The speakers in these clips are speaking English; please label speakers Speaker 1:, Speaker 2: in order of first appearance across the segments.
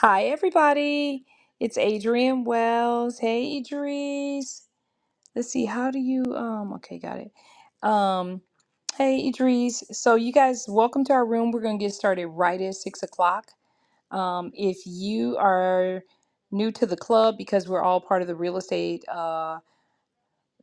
Speaker 1: Hi, everybody. It's Adrienne Wells. Hey, Idris. Let's see. How do you? Um. Okay, got it. Um. Hey, Idris. So, you guys, welcome to our room. We're gonna get started right at six o'clock. Um. If you are new to the club, because we're all part of the real estate. Uh.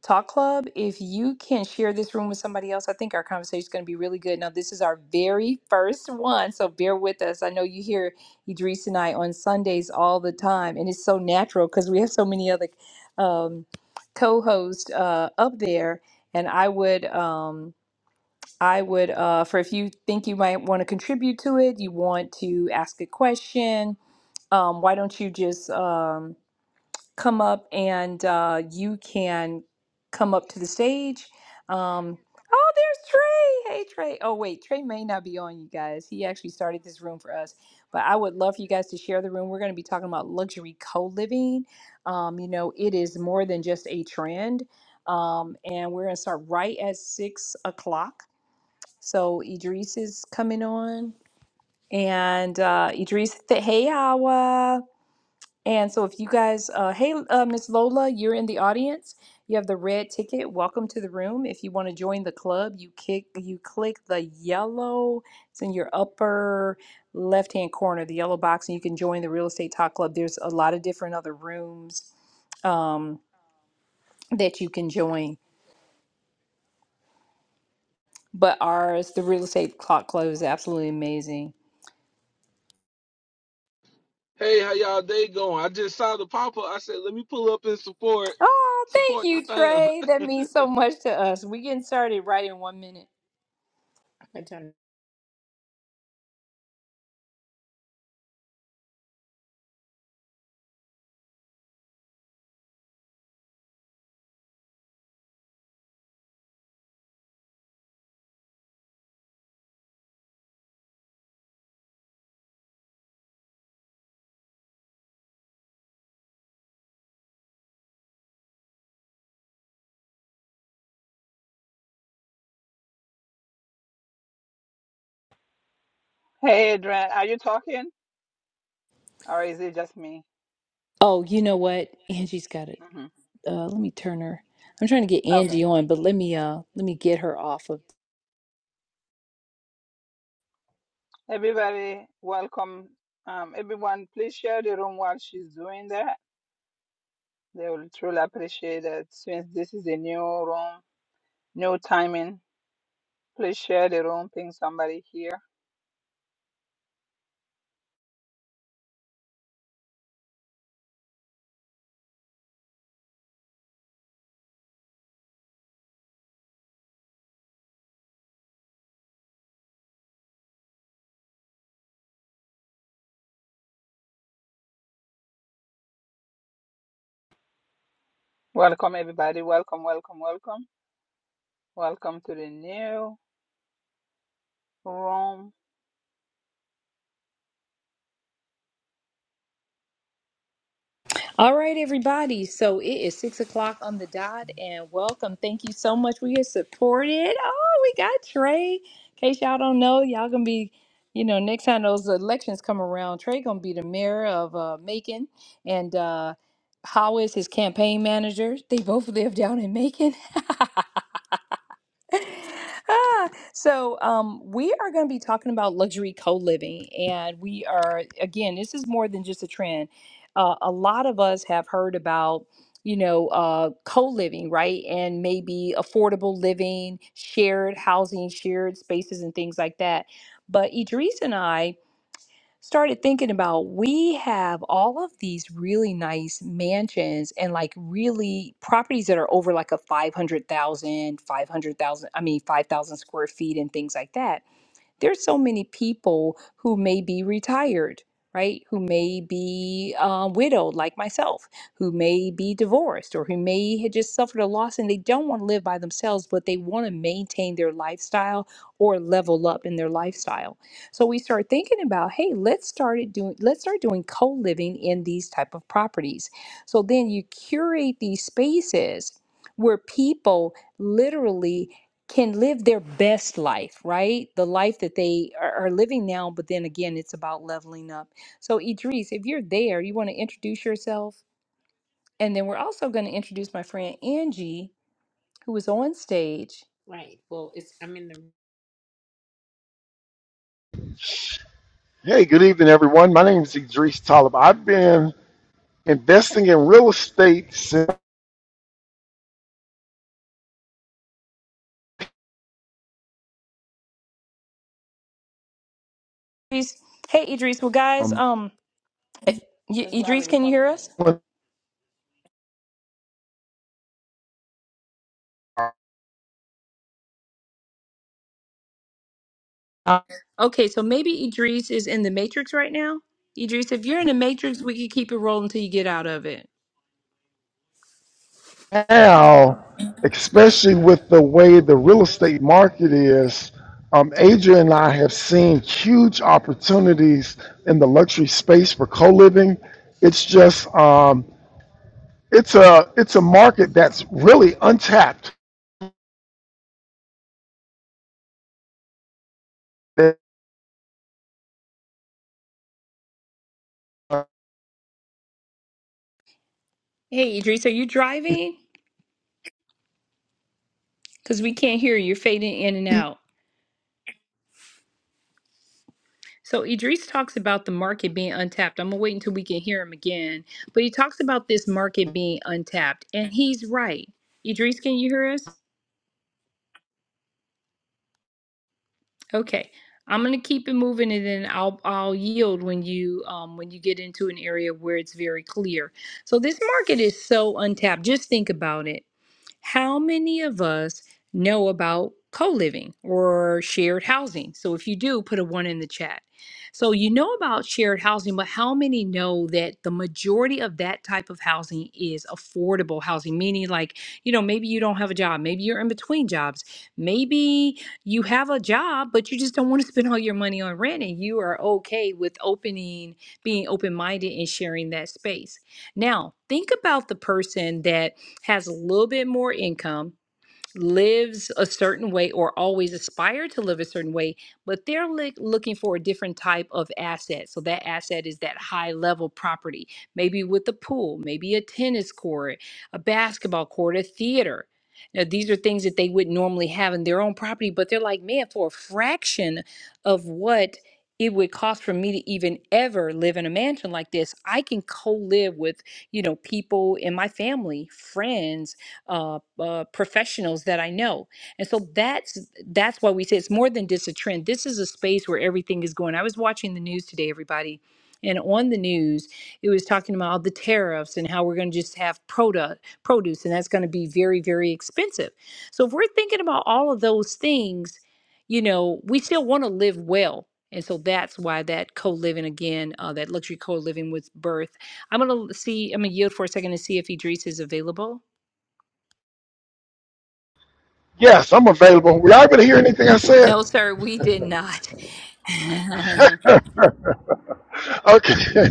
Speaker 1: Talk Club, if you can share this room with somebody else, I think our conversation is going to be really good. Now, this is our very first one, so bear with us. I know you hear Idris and I on Sundays all the time, and it's so natural because we have so many other um, co-hosts uh, up there. And I would, um, I would, uh, for if you think you might want to contribute to it, you want to ask a question, um, why don't you just? Um, come up and uh, you can come up to the stage. Um, oh, there's Trey. Hey, Trey. Oh, wait, Trey may not be on, you guys. He actually started this room for us, but I would love for you guys to share the room. We're going to be talking about luxury co living. Um, you know, it is more than just a trend. Um, and we're going to start right at six o'clock. So Idris is coming on. And uh, Idris, th- hey, Awa. And so, if you guys, uh, hey, uh, Miss Lola, you're in the audience. You have the red ticket. Welcome to the room. If you want to join the club, you kick, you click the yellow. It's in your upper left-hand corner, the yellow box, and you can join the Real Estate Talk Club. There's a lot of different other rooms um, that you can join, but ours, the Real Estate Talk Club, is absolutely amazing.
Speaker 2: Hey, how y'all day going? I just saw the pop up. I said, let me pull up and support
Speaker 1: Oh, thank
Speaker 2: support the
Speaker 1: you,
Speaker 2: fam.
Speaker 1: Trey. That means so much to us. We getting started right in one minute.
Speaker 3: Hey, Adrian, are you talking or is it just me?
Speaker 1: Oh, you know what? Angie's got it.
Speaker 3: hmm
Speaker 1: uh, let me turn her. I'm trying to get
Speaker 3: Okay.
Speaker 1: Angie on, but let me uh let me get her off of.
Speaker 3: Everybody, welcome. Um, everyone, please share the room while she's doing that. They will truly appreciate it since this is a new room, new timing. Please share the room, ping somebody here. Welcome, everybody. Welcome, welcome, welcome. Welcome to the new room.
Speaker 1: All right, everybody. So it is six o'clock on the dot, and welcome. Thank you so much. We are supported. Oh, we got Trey. In case y'all don't know, y'all gonna be, you know, next time those elections come around, Trey gonna be the mayor of uh, Macon, and uh, how is his campaign manager? They both live down in Macon. Ah, so um, we are going to be talking about luxury co-living and we are again this is more than just a trend uh, a lot of us have heard about you know uh, co-living right and maybe affordable living shared housing shared spaces and things like that but idris and i started thinking about we have all of these really nice mansions and like really properties that are over like a 500,000 500,000 I mean 5,000 square feet and things like that there's so many people who may be retired, right? Who may be uh, widowed, like myself, who may be divorced, or who may have just suffered a loss and they don't want to live by themselves, but they want to maintain their lifestyle or level up in their lifestyle. So we start thinking about, hey, let's start it doing, let's start doing co-living in these type of properties. So then you curate these spaces where people literally can live their best life, right? The life that they are, are living now, but then again, it's about leveling up. So, Idris, if you're there, you want to introduce yourself. And then we're also going to introduce my friend Angie, who is on stage.
Speaker 4: Hey, good evening, everyone. My name is Idris Talib. I've been investing in real estate since
Speaker 1: Idris, hey, Idris. Well, guys,
Speaker 4: um,
Speaker 1: um, if, y- Idris, can you hear us? Okay, so maybe Idris is in the Matrix right now. Idris, if you're in the Matrix, we can keep it rolling until you get out of it.
Speaker 4: now, especially with the way the real estate market is. Um, Adria and I have seen huge opportunities in the luxury space for co-living. It's just um, it's a it's a market that's really untapped.
Speaker 1: Hey, Idris, are you driving? Because we can't hear you. You're fading in and out. So Idris talks about the market being untapped. I'm gonna wait until we can hear him again. But he talks about this market being untapped, and he's right. Idris, can you hear us? Okay. I'm gonna keep it moving, and then I'll I'll yield when you um, when you get into an area where it's very clear. So this market is so untapped. Just think about it. How many of us know about co living or shared housing? So if you do, put a one in the chat. So you know about shared housing, but how many know that the majority of that type of housing is affordable housing? Meaning, like, you know, maybe you don't have a job, maybe you're in between jobs, maybe you have a job, but you just don't want to spend all your money on rent and you are okay with opening, being open minded and sharing that space. Now, think about the person that has a little bit more income lives a certain way or always aspire to live a certain way, but they're li- looking for a different type of asset. So that asset is that high level property, maybe with a pool, maybe a tennis court, a basketball court, a theater. Now, these are things that they would normally have in their own property, but they're like, man, for a fraction of what it would cost for me to even ever live in a mansion like this, I can co live with, you know, people in my family, friends uh, uh, professionals that I know. And so that's that's why we say it's more than just a trend. This is a space where everything is going. I was watching the news today, everybody, and on the news it was talking about all the tariffs and how we're going to just have product produce, and that's going to be very very expensive. So if we're thinking about all of those things, you know, we still want to live well. And so that's why that co-living again, uh, that luxury co-living with birth. I'm gonna see. I'm gonna yield for a second to see if Idris is available.
Speaker 4: Yes, I'm available. Were y'all able to hear anything I said?
Speaker 1: No, sir, we did not.
Speaker 4: Okay. All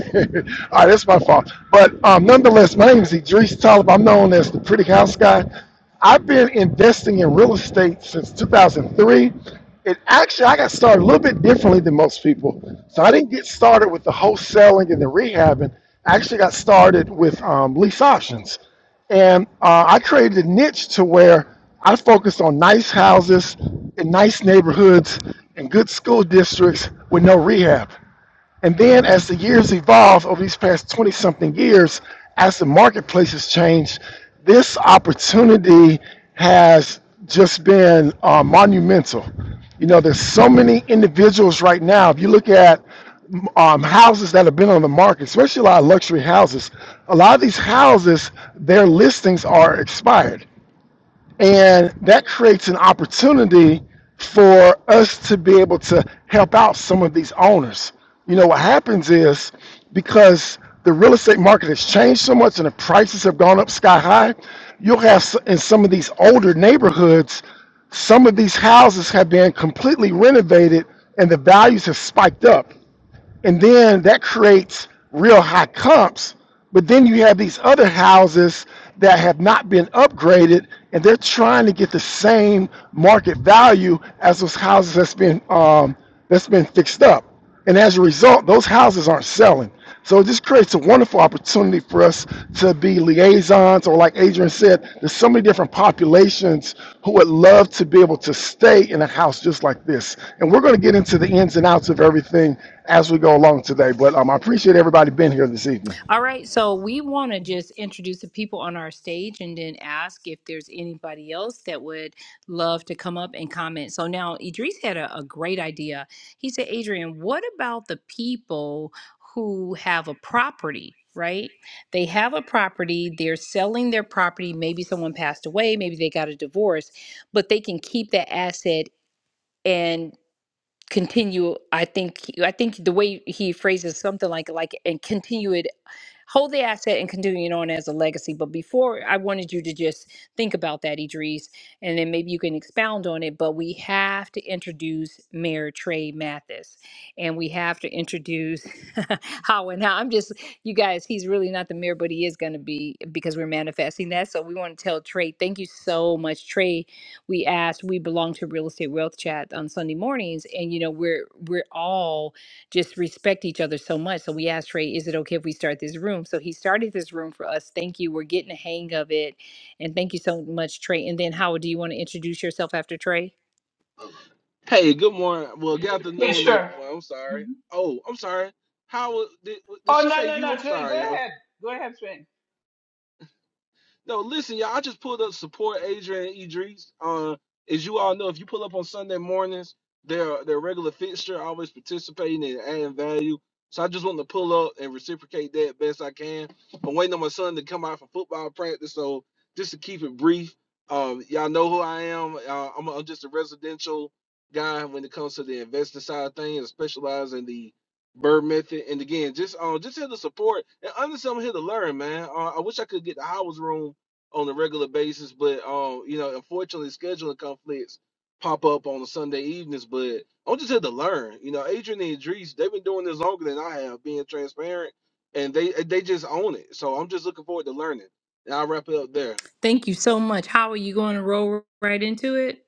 Speaker 4: right, that's my fault. But um, nonetheless, my name is Idris Talib. I'm known as the Pretty House Guy. I've been investing in real estate since 2003. It actually, I got started a little bit differently than most people. So I didn't get started with the wholesaling and the rehabbing. I actually got started with um, lease options. And uh, I created a niche to where I focused on nice houses in nice neighborhoods and good school districts with no rehab. And then as the years evolve over these past 20 something years, as the marketplace has changed, this opportunity has just been uh, monumental. You know, there's so many individuals right now. If you look at um, houses that have been on the market, especially a lot of luxury houses, a lot of these houses, their listings are expired and that creates an opportunity for us to be able to help out some of these owners. You know, what happens is because the real estate market has changed so much and the prices have gone up sky high, you'll have s- in some of these older neighborhoods, some of these houses have been completely renovated and the values have spiked up and then that creates real high comps. But then you have these other houses that have not been upgraded, and they're trying to get the same market value as those houses that's been um, that's been fixed up. And as a result, those houses aren't selling. So this creates a wonderful opportunity for us to be liaisons, or like Adrian said, there's so many different populations who would love to be able to stay in a house just like this. And we're going to get into the ins and outs of everything as we go along today. But um, I appreciate everybody being here this evening.
Speaker 1: All right, so we want to just introduce the people on our stage and then ask if there's anybody else that would love to come up and comment. So now Idris had a, a great idea. He said, Adrian, what about the people who have a property? Right? They have a property, they're selling their property. Maybe someone passed away, maybe they got a divorce, but they can keep that asset and." continue i think i think the way he phrases something like like and continue it hold the asset and continue it on as a legacy. But before, I wanted you to just think about that, Idris, and then maybe you can expound on it. But we have to introduce Mayor Trey Mathis, and we have to introduce how and how. I'm just, you guys, he's really not the mayor, but he is going to be because we're manifesting that. So we want to tell Trey, thank you so much, Trey. We asked, we belong to Real Estate Wealth Chat on Sunday mornings, and you know we're we're all just respect each other so much. So we asked Trey, is it okay if we start this room? So he started this room for us. Thank you. We're getting the hang of it. And thank you so much, Trey. And then Howard, do you want to introduce yourself after Trey?
Speaker 2: hey, good morning. Well, good
Speaker 3: Yeah,
Speaker 2: afternoon,
Speaker 3: sure.
Speaker 2: everyone. I'm sorry.
Speaker 3: Mhm.
Speaker 2: Oh, I'm sorry. How was- did, did she say
Speaker 3: No, no,
Speaker 2: you?
Speaker 3: no,
Speaker 2: I'm
Speaker 3: Trey, go
Speaker 2: sorry, y'all.
Speaker 3: ahead. Go ahead, Trey.
Speaker 2: No, listen, y'all. I just pulled up support Adrian and Idris. Uh, as you all know, if you pull up on Sunday mornings, they're they're a regular fixture, always participating and adding value. So I just want to pull up and reciprocate that best I can. I'm waiting on my son to come out for football practice, so just to keep it brief, um, y'all know who I am. Uh, I'm, I'm just a residential guy when it comes to the investing side of things, I specialize in the Bird method, and again, just um, just here to support, and honestly, I'm here to learn, man. Uh, I wish I could get the Howard's room on a regular basis, but um, you know, unfortunately, scheduling conflicts pop up on the Sunday evenings. But I'm just here to learn. You know, Adrian and Idris, they've been doing this longer than I have, being transparent, and they they just own it. So I'm just looking forward to learning. And I'll wrap it up there.
Speaker 1: Thank you so much. How are you going to roll right into it?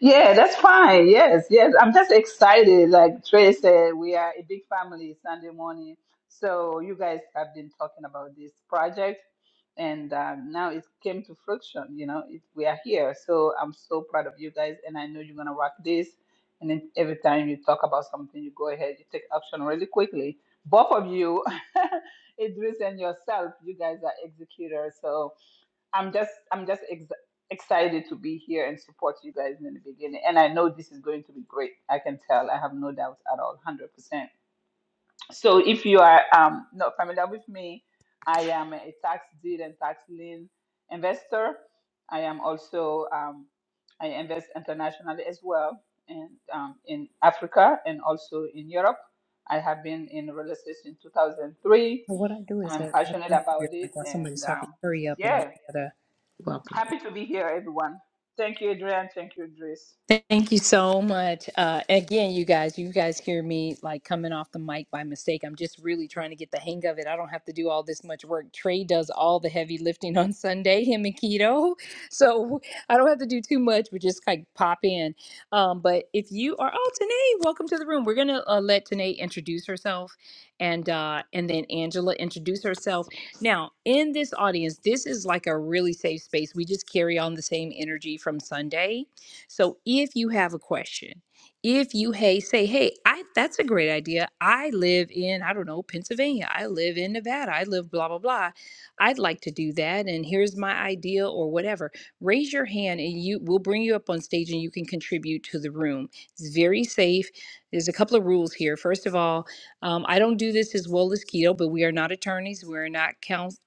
Speaker 3: Yeah, that's fine. Yes, yes. I'm just excited. Like Trey said, we are a big family Sunday morning. So you guys have been talking about this project, and um, now it came to fruition. You know, it, we are here. So I'm so proud of you guys, and I know you're gonna rock this. And then every time you talk about something, you go ahead, you take action really quickly. Both of you, Idris and yourself, you guys are executors. So I'm just I'm just ex- excited to be here and support you guys in the beginning. And I know this is going to be great. I can tell. I have no doubt at all, hundred percent. So if you are um, not familiar with me, I am a tax deed and tax lien investor. I am also um, I invest internationally as well, and um, in Africa and also in Europe. I have been in real estate since 2003.
Speaker 1: Well, what I do is
Speaker 3: I'm
Speaker 1: that I
Speaker 3: passionate
Speaker 1: do hear
Speaker 3: about it,
Speaker 1: like while
Speaker 3: and
Speaker 1: somebody's talking,
Speaker 3: um,
Speaker 1: hurry up and I
Speaker 3: yeah,
Speaker 1: gotta
Speaker 3: Happy to be here, everyone. Thank you, Adrian. Thank you, Idris.
Speaker 1: Thank you so much. Uh, again, you guys, you guys hear me like coming off the mic by mistake. I'm just really trying to get the hang of it. I don't have to do all this much work. Trey does all the heavy lifting on Sunday, him and Keto. So I don't have to do too much, but just like pop in. Um, but if you are, oh, Tanae, welcome to the room. We're going to uh, let Tanae introduce herself and, uh, and then Angela introduce herself. Now, in this audience, this is like a really safe space. We just carry on the same energy from Sunday so if you have a question, if you hey say, hey, I that's a great idea. I live in, I don't know, Pennsylvania. I live in Nevada. I live blah blah blah. I'd like to do that and here's my idea or whatever. Raise your hand and you we'll bring you up on stage and you can contribute to the room. It's very safe. There's a couple of rules here. First of all, um, I don't do this as well as keto, but we are not attorneys. We're not counsel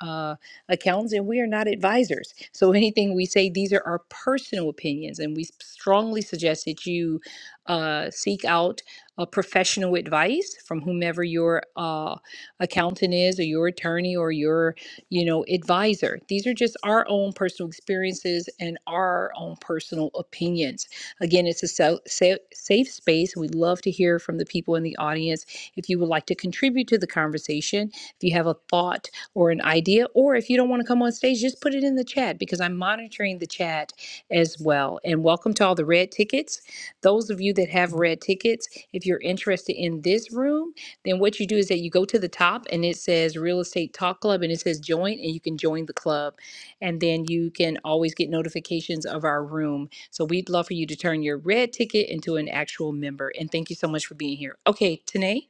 Speaker 1: accounts and we are not advisors. So anything we say, these are our personal opinions, and we strongly suggest that you uh, seek out uh, professional advice from whomever your uh, accountant is, or your attorney, or your you know advisor. These are just our own personal experiences and our own personal opinions. Again, it's a so, sa- safe space. We love to hear from the people in the audience. If you would like to contribute to the conversation, if you have a thought or an idea, or if you don't want to come on stage, just put it in the chat because I'm monitoring the chat as well. And welcome to all the red tickets. Those of you that have red tickets, if you're interested in this room, then what you do is that you go to the top and it says Real Estate Talk Club and it says join, and you can join the club. And then you can always get notifications of our room. So we'd love for you to turn your red ticket into an actual member. And thank you so much for being here. Okay, Tanae?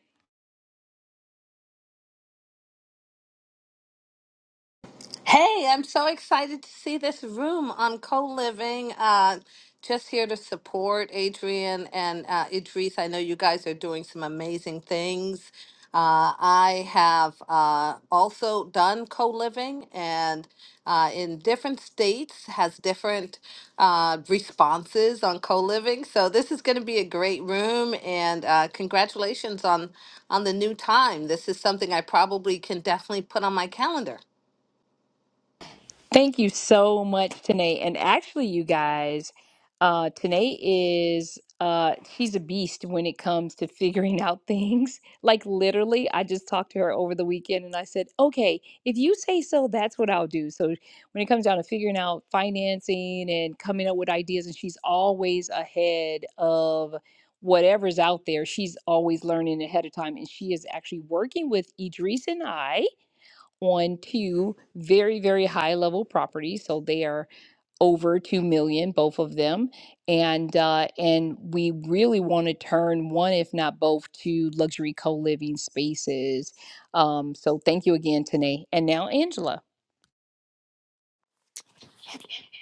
Speaker 5: Hey, I'm so excited to see this room on co living. Uh, just here to support Adrian and uh, Idris. I know you guys are doing some amazing things. Uh, I have uh, also done co living and uh, in different states has different uh, responses on co living. So this is going to be a great room and uh, congratulations on, on the new time. This is something I probably can definitely put on my calendar.
Speaker 1: Thank you so much, Tanae. And actually, you guys, uh, Tanae is uh, she's a beast when it comes to figuring out things. Like literally, I just talked to her over the weekend, and I said, "Okay, if you say so, that's what I'll do." So when it comes down to figuring out financing and coming up with ideas, and she's always ahead of whatever's out there. She's always learning ahead of time, and she is actually working with Idris and I on two very, very high level properties. So they are over two million, both of them, and uh, and we really want to turn one, if not both, to luxury co living spaces. Um, so thank you again, Tanae, and now Angela.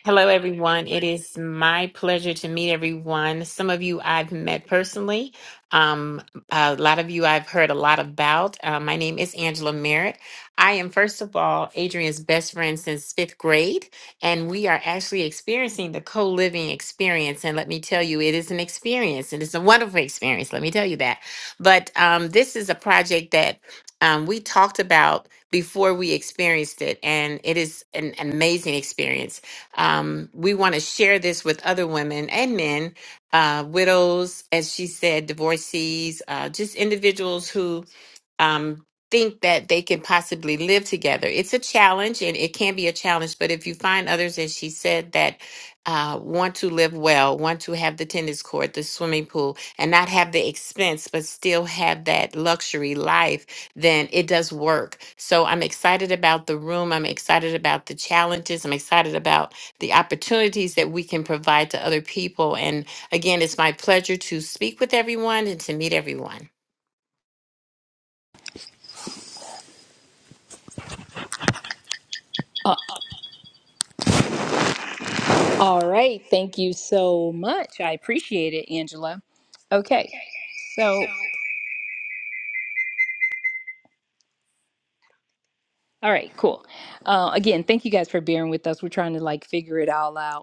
Speaker 6: Hello, everyone. It is my pleasure to meet everyone. Some of you I've met personally. Um, a lot of you I've heard a lot about. Uh, my name is Angela Merritt. I am, first of all, Adrian's best friend since fifth grade, and we are actually experiencing the co living experience. And let me tell you, it is an experience, and it's a wonderful experience. Let me tell you that. But um, this is a project that um, we talked about before we experienced it, and it is an amazing experience um, we want to share this with other women and men, uh, widows, as she said, divorcees, uh, just individuals who um, think that they can possibly live together. It's a challenge and it can be a challenge, but if you find others, as she said, that uh, want to live well, want to have the tennis court, the swimming pool, and not have the expense, but still have that luxury life, then it does work. So I'm excited about the room. I'm excited about the challenges. I'm excited about the opportunities that we can provide to other people. And again, it's my pleasure to speak with everyone and to meet everyone.
Speaker 1: Uh, all right, thank you so much. I appreciate it, Angela. Okay, so all right, cool. Uh, again, thank you guys for bearing with us. We're trying to like figure it all out.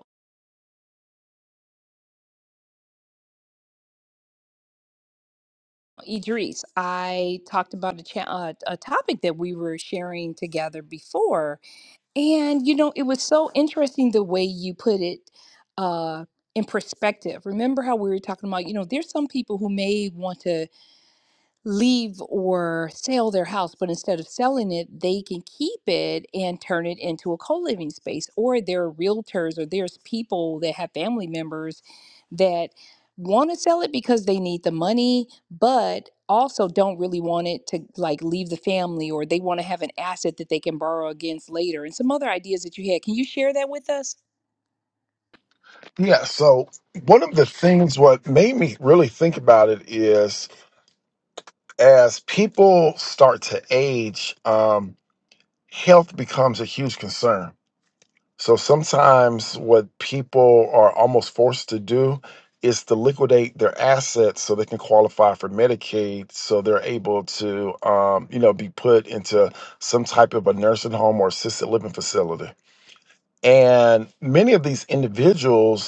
Speaker 1: Idris, I talked about a, cha- uh, a topic that we were sharing together before. And, you know, it was so interesting the way you put it uh, in perspective. Remember how we were talking about, you know, there's some people who may want to leave or sell their house, but instead of selling it, they can keep it and turn it into a co living space. Or there are realtors or there's people that have family members want to sell it because they need the money, but also don't really want it to like leave the family or they want to have an asset that they can borrow against later and some other ideas that you had. Can you share that with us?
Speaker 4: Yeah, so one of the things what made me really think about it is as people start to age, um, health becomes a huge concern. So sometimes what people are almost forced to do is to liquidate their assets so they can qualify for Medicaid, so they're able to, um, you know, be put into some type of a nursing home or assisted living facility. And many of these individuals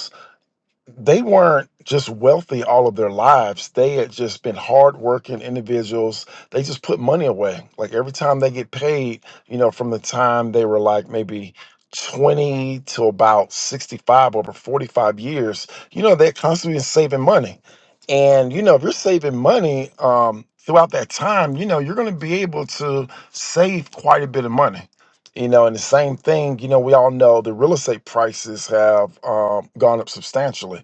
Speaker 4: they weren't just wealthy all of their lives. They had just been hardworking individuals. They just put money away. Like every time they get paid, you know, from the time they were like maybe 20 to about 65 over 45 years, you know, they're constantly been saving money. And, you know, if you're saving money um, throughout that time, you know, you're going to be able to save quite a bit of money. You know, and the same thing, you know, we all know the real estate prices have um, gone up substantially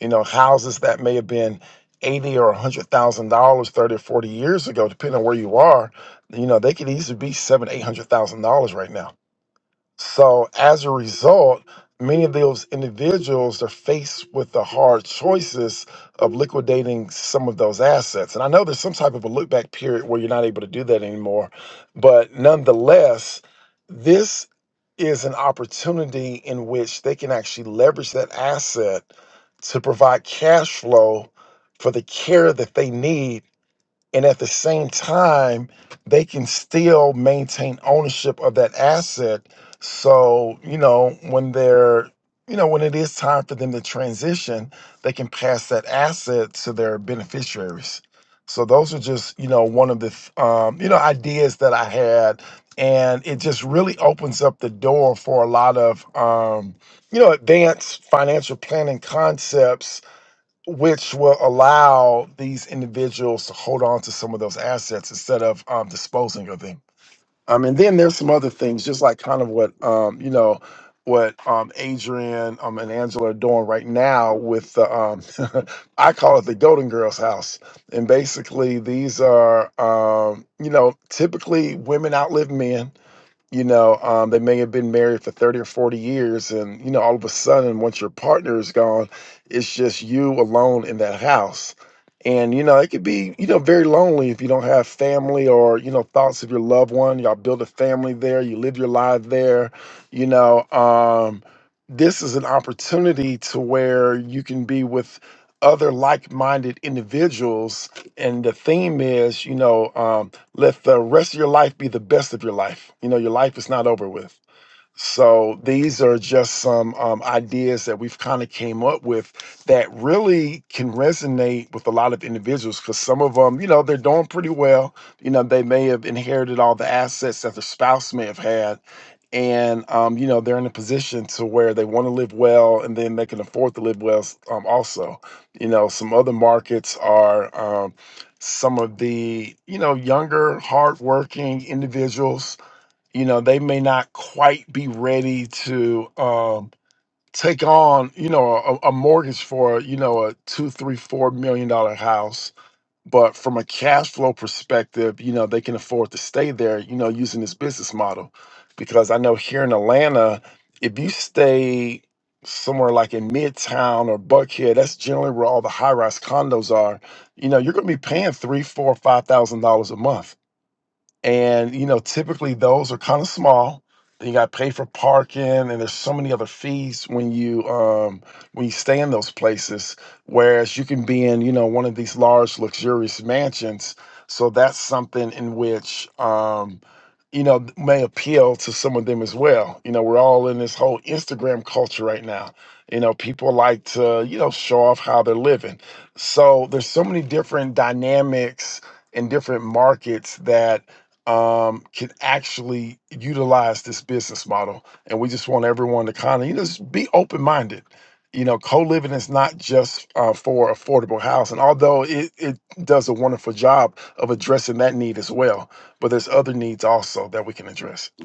Speaker 4: you know houses that may have been 80 or 100,000 dollars 30 or 40 years ago depending on where you are you know they could easily be seven eight hundred thousand dollars right now so as a result many of those individuals are faced with the hard choices of liquidating some of those assets and i know there's some type of a look back period where you're not able to do that anymore but nonetheless this is an opportunity in which they can actually leverage that asset to provide cash flow for the care that they need and at the same time they can still maintain ownership of that asset so you know when they're you know when it is time for them to transition they can pass that asset to their beneficiaries so those are just you know one of the th- um, you know ideas that i had and it just really opens up the door for a lot of um, you know advanced financial planning concepts which will allow these individuals to hold on to some of those assets instead of um, disposing of them. Um, and then there's some other things, just like kind of what um, you know, what um, Adrian um, and Angela are doing right now with the, um, I call it the Golden Girls house. And basically, these are um, you know typically women outlive men you know um, they may have been married for 30 or 40 years and you know all of a sudden once your partner is gone it's just you alone in that house and you know it could be you know very lonely if you don't have family or you know thoughts of your loved one y'all build a family there you live your life there you know um, this is an opportunity to where you can be with other like-minded individuals and the theme is you know um, let the rest of your life be the best of your life. You know, your life is not over with. So these are just some um, ideas that we've kind of came up with that really can resonate with a lot of individuals because some of them, you know, they're doing pretty well. You know, they may have inherited all the assets that their spouse may have had. And, um, you know, they're in a position to where they want to live well and then they can afford to live well s- um, also. You know, some other markets are um, some of the, you know, younger, hardworking individuals you know they may not quite be ready to um, take on you know a, a mortgage for you know a two three four million dollar house but from a cash flow perspective you know they can afford to stay there you know using this business model because i know here in atlanta if you stay somewhere like in midtown or buckhead that's generally where all the high-rise condos are you know you're going to be paying three four five thousand dollars a month and you know typically those are kind of small you got to pay for parking and there's so many other fees when you um when you stay in those places whereas you can be in you know one of these large luxurious mansions so that's something in which um you know may appeal to some of them as well you know we're all in this whole instagram culture right now you know people like to you know show off how they're living so there's so many different dynamics in different markets that um, can actually utilize this business model. And we just want everyone to kind of, you know, just be open minded. You know, co living is not just uh, for affordable housing, although it, it does a wonderful job of addressing that need as well. But there's other needs also that we can address.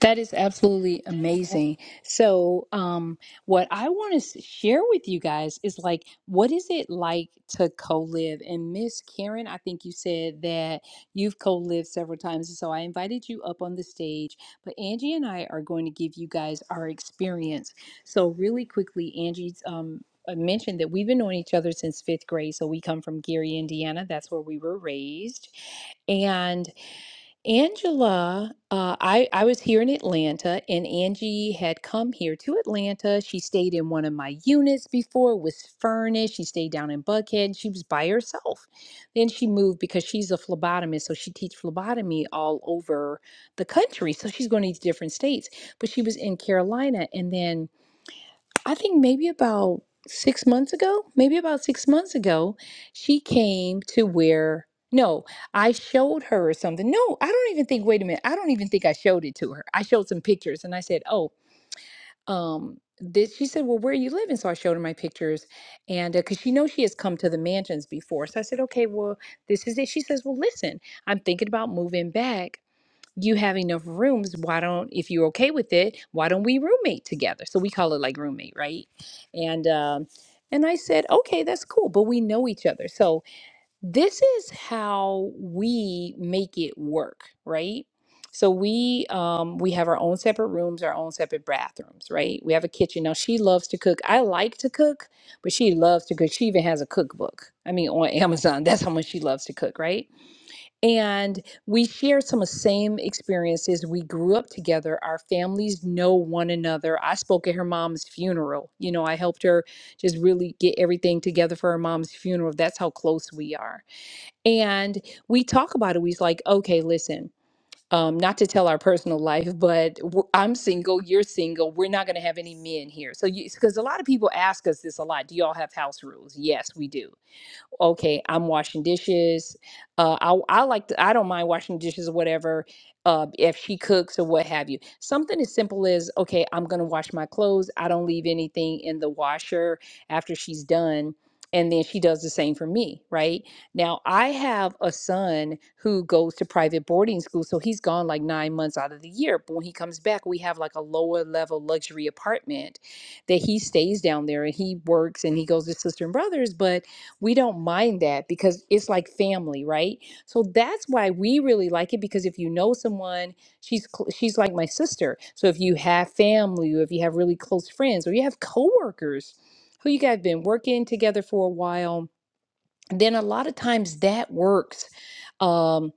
Speaker 1: That is absolutely amazing. So, um, what I want to s- share with you guys is like, what is it like to co live? And Miss Karen, I think you said that you've co lived several times. and So, I invited you up on the stage, but Angie and I are going to give you guys our experience. So, really quickly, Angie's. Um, uh, mentioned that we've been knowing each other since fifth grade. So we come from Gary, Indiana. That's where we were raised. And Angela, uh, I, I was here in Atlanta, and Angie had come here to Atlanta. She stayed in one of my units before, was furnished. She stayed down in Buckhead. She was by herself. Then she moved because she's a phlebotomist, so she teach phlebotomy all over the country. So she's going to these different states. But she was in Carolina, and then I think maybe about six months ago, maybe about six months ago, she came to where, no, I showed her or something. No, I don't even think, wait a minute, I don't even think I showed it to her. I showed some pictures and I said, oh, um, this, she said, well, where are you living? So I showed her my pictures and because she knows she has come to the mansions before. So I said, okay, well, this is it. She says, well, listen, I'm thinking about moving back you have enough rooms why don't if you're okay with it why don't we roommate together so we call it like roommate right and um and i said okay that's cool but we know each other so this is how we make it work right so we um we have our own separate rooms our own separate bathrooms right we have a kitchen now she loves to cook i like to cook but she loves to cook she even has a cookbook i mean on amazon that's how much she loves to cook right and we share some of the same experiences. We grew up together. Our families know one another. I spoke at her mom's funeral. You know, I helped her just really get everything together for her mom's funeral. That's how close we are. And we talk about it. We's like, okay, listen. Um, not to tell our personal life, but w- I'm single, you're single. We're not going to have any men here. So, because a lot of people ask us this a lot do y'all have house rules? Yes, we do okay, I'm washing dishes. Uh, I I like to, I don't mind washing dishes or whatever. Uh, if she cooks or what have you, something as simple as okay, I'm gonna wash my clothes. I don't leave anything in the washer after she's done, and then she does the same for me. Right now, I have a son who goes to private boarding school, so he's gone like nine months out of the year. But when he comes back, we have like a lower level luxury apartment that he stays down there and he works and he goes to sister and brothers, but we don't mind that because it's like family right so that's why we really like it because if you know someone she's cl- she's like my sister so if you have family or if you have really close friends or you have coworkers who you guys have been working together for a while then a lot of times that works um,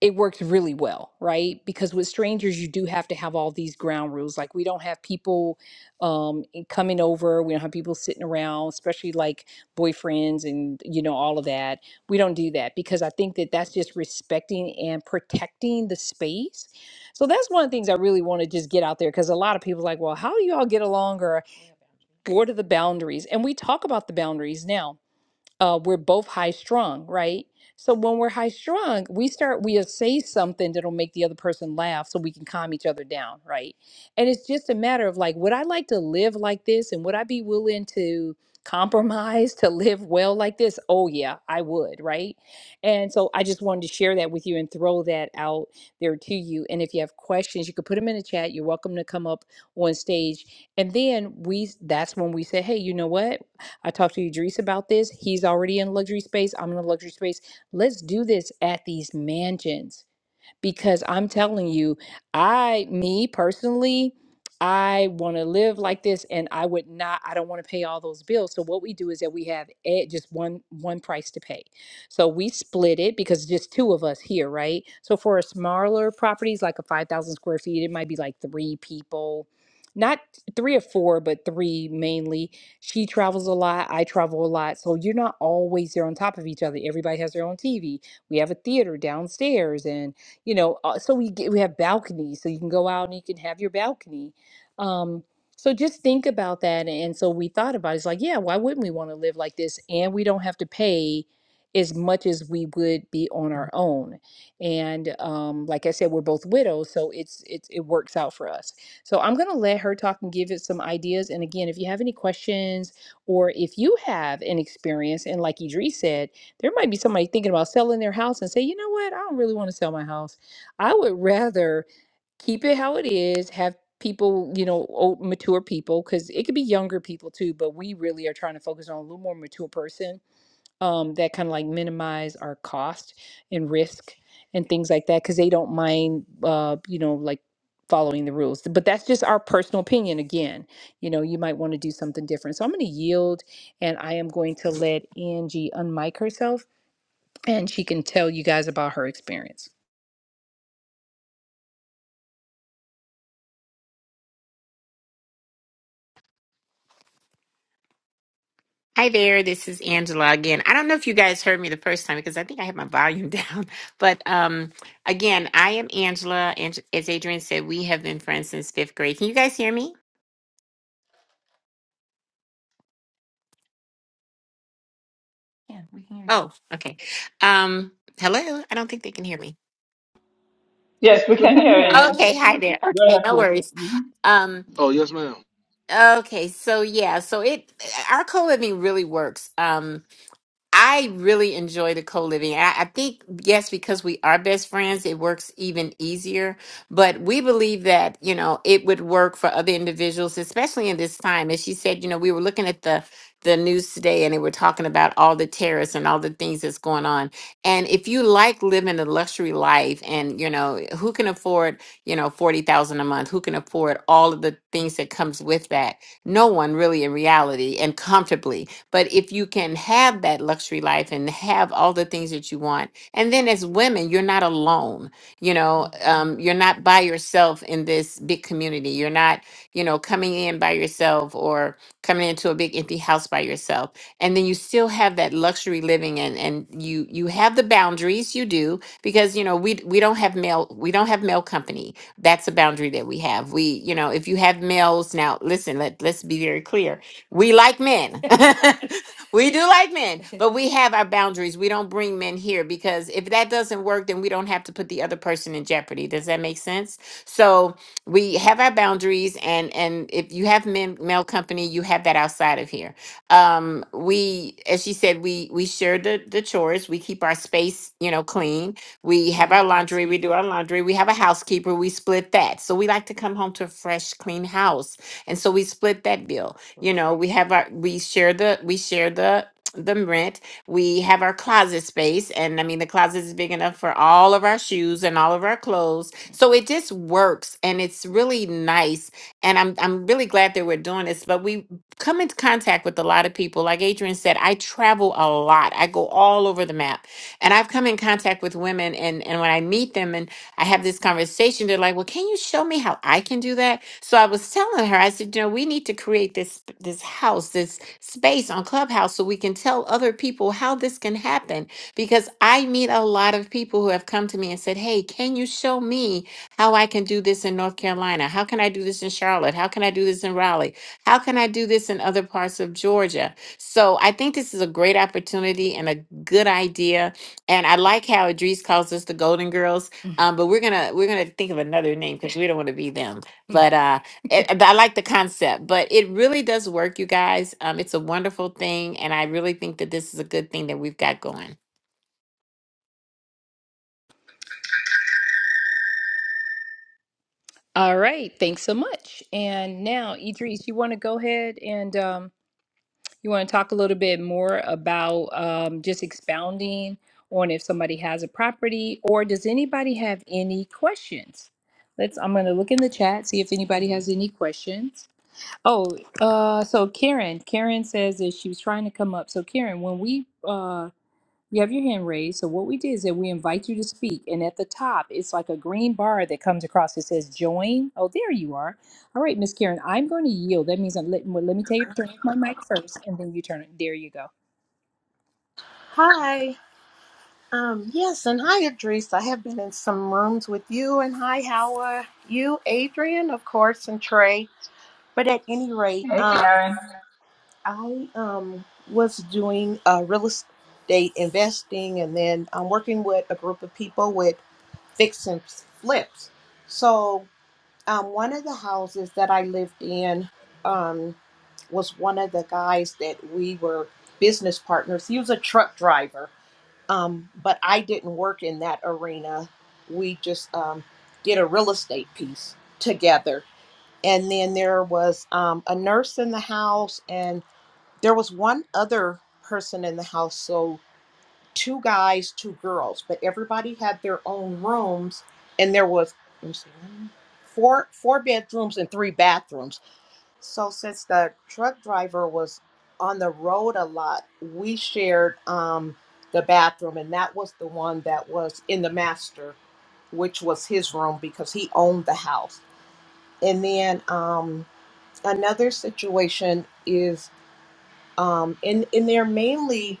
Speaker 1: it worked really well, right? Because with strangers, you do have to have all these ground rules. Like we don't have people um, in- coming over. We don't have people sitting around, especially like boyfriends and you know all of that. We don't do that because I think that that's just respecting and protecting the space. So that's one of the things I really want to just get out there because a lot of people are like, well, how do you all get along or what are the boundaries? And we talk about the boundaries now uh, we're both high strung, right? So when we're high strung, we start we'll say something that'll make the other person laugh so we can calm each other down, right? And it's just a matter of like, would I like to live like this and would I be willing to compromise to live well like this? Oh yeah, I would, right? And so I just wanted to share that with you and throw that out there to you. And if you have questions, you could put them in the chat. You're welcome to come up on stage. And then we that's when we say, hey, you know what? I talked to Idris about this. He's already in luxury space. I'm in a luxury space. Let's do this at these mansions because I'm telling you, I, me personally, I want to live like this and I would not, I don't want to pay all those bills. So what we do is that we have eh, just one, one price to pay. So we split it because just two of us here, right? So for a smaller properties, like a 5,000 square feet, it might be like three people, not three or four, but three mainly. She travels a lot. I travel a lot. So you're not always there on top of each other. Everybody has their own TV. We have a theater downstairs and you know uh, so we get, we have balconies so you can go out and you can have your balcony um so just think about that and so we thought about it. it's like yeah why wouldn't we want to live like this and we don't have to pay as much as we would be on our own and um like i said we're both widows so it's it's it works out for us so i'm going to let her talk and give it some ideas and again if you have any questions or if you have an experience and like idris said there might be somebody thinking about selling their house and say, you know what, I don't really want to sell my house. I would rather keep it how it is, have people, you know, old, mature people, because it could be younger people too, but we really are trying to focus on a little more mature person um, that kind of like minimize our cost and risk and things like that, because they don't mind, uh, you know, like following the rules. But that's just our personal opinion. Again, you know, you might want to do something different. So I'm going to yield and I am going to let Angie unmic herself and she can tell you guys about her experience.
Speaker 6: Hi there, this is Angela again. I don't know if you guys heard me the first time because I think I had my volume down. But um, again, I am Angela, and as Adrian said, we have been friends since fifth grade. Can you guys hear me? Oh, okay. Um, hello. I don't think they can hear me.
Speaker 3: Yes, we
Speaker 4: We
Speaker 3: can
Speaker 4: can
Speaker 3: hear
Speaker 4: hear
Speaker 3: you, Adrian.
Speaker 6: Okay, hi
Speaker 4: it.
Speaker 6: there.
Speaker 3: Go
Speaker 6: Okay,
Speaker 3: ahead,
Speaker 6: no
Speaker 3: please.
Speaker 6: worries.
Speaker 3: Mhm.
Speaker 6: Um,
Speaker 2: Oh yes, ma'am.
Speaker 6: okay, so yeah, so it our co-living really works. Um, I really enjoy the co-living. I, I think yes, because we are best friends, it works even easier. But we believe that you know it would work for other individuals, especially in this time. As she said, you know, we were looking at the the news today, and they were talking about all the terrorists and all the things that's going on. And if you like living a luxury life, and you know, who can afford you know forty thousand a month? Who can afford all of the things that comes with that? No one really, in reality, and comfortably. But if you can have that luxury life and have all the things that you want, and then as women, you're not alone. You know, um, you're not by yourself in this big community. You're not, you know, coming in by yourself or coming into a big empty house by yourself. And then you still have that luxury living and and you you have the boundaries, you do, because you know, we we don't have male we don't have male company. That's a boundary that we have. We, you know, if you have males now, listen, let let's be very clear we like men. we do like men, but we have our boundaries. We don't bring men here because if that doesn't work, then we don't have to put the other person in jeopardy. Does that make sense? So we have our boundaries, and and if you have men male company, you have that outside of here. Um, we, as she said, we we share the the chores. We keep our space, you know, clean. We have our laundry. We do our laundry. We have a housekeeper. We split that. So we like to come home to a fresh, clean house, and so we split that bill you know we have our we share the we share the the rent we have our closet space and i mean the closet is big enough for all of our shoes and all of our clothes so it just works and it's really nice and i'm i'm really glad that we're doing this but we come into contact with a lot of people like adrian said i travel a lot i go all over the map and i've come in contact with women and and when i meet them and I have this conversation. They're like, well, can you show me how I can do that? So I was telling her, I said, you know, we need to create this this house, this space on Clubhouse so we can tell other people how this can happen. Because I meet a lot of people who have come to me and said, Hey, can you show me how I can do this in North Carolina? How can I do this in Charlotte? How can I do this in Raleigh? How can I do this in other parts of Georgia? So I think this is a great opportunity and a good idea. And I like how Idris calls us the Golden Girls um, but we're gonna we're gonna think of another name because we don't want to be them. But uh, it, I like the concept. But it really does work, you guys. Um, it's a wonderful thing, and I really think that this is a good thing that we've got going.
Speaker 1: All right, thanks so much. And now, Idris, you want to go ahead and um, you want to talk a little bit more about um, just expounding on if somebody has a property, or does anybody have any questions? Let's. I'm going to look in the chat see if anybody has any questions. Oh, uh, so Karen, Karen says that she was trying to come up. So Karen, when we uh, you have your hand raised. So what we did is that we invite you to speak, and at the top, it's like a green bar that comes across that says "Join." Oh, there you are. All right, Miss Karen, I'm going to yield. That means I'm let, well, let me tell you to turn off my mic first, and then you turn it. There you go.
Speaker 7: Hi. Um, yes, and hi, Idris. I have been in some rooms with you, and hi, how are you, Adrian, of course, and Trey. But at any rate,
Speaker 3: Hey,
Speaker 7: um,
Speaker 3: Karen.
Speaker 7: I um, was doing uh, real estate investing, and then I'm working with a group of people with fix and flips. So, um, one of the houses that I lived in um, was one of the guys that we were business partners. He was a truck driver um, but I didn't work in that arena. We just um, did a real estate piece together. And then there was um, a nurse in the house, and there was one other person in the house. So two guys, two girls, but everybody had their own rooms. And there was let me see, one, four four bedrooms and three bathrooms so since the truck driver was on the road a lot, we shared um, the bathroom, and that was the one that was in the master, which was his room because he owned the house. And then um, another situation is, um, and and they're mainly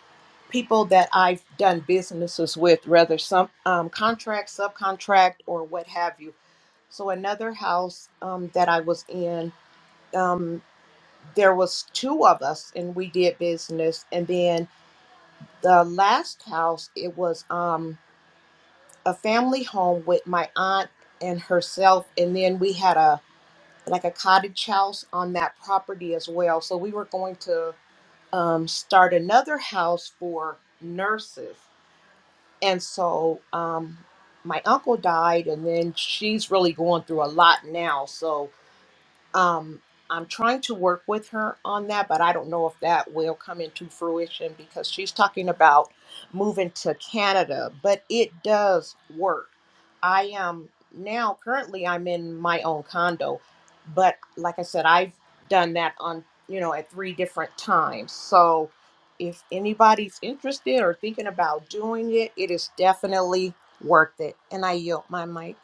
Speaker 7: people that I've done businesses with, whether some um, contract, subcontract, or what have you. So another house um, that I was in. um, there was two of us and we did business and then the last house it was um a family home with my aunt and herself and then we had a like a cottage house on that property as well so we were going to um, start another house for nurses and so um, my uncle died and then she's really going through a lot now so Um, I'm trying to work with her on that, but I don't know if that will come into fruition because she's talking about moving to Canada, but it does work. I am now currently I'm in my own condo, but like I said, I've done that on, you know, at three different times. So if anybody's interested or thinking about doing it, it is definitely worth it. And I yield my mic.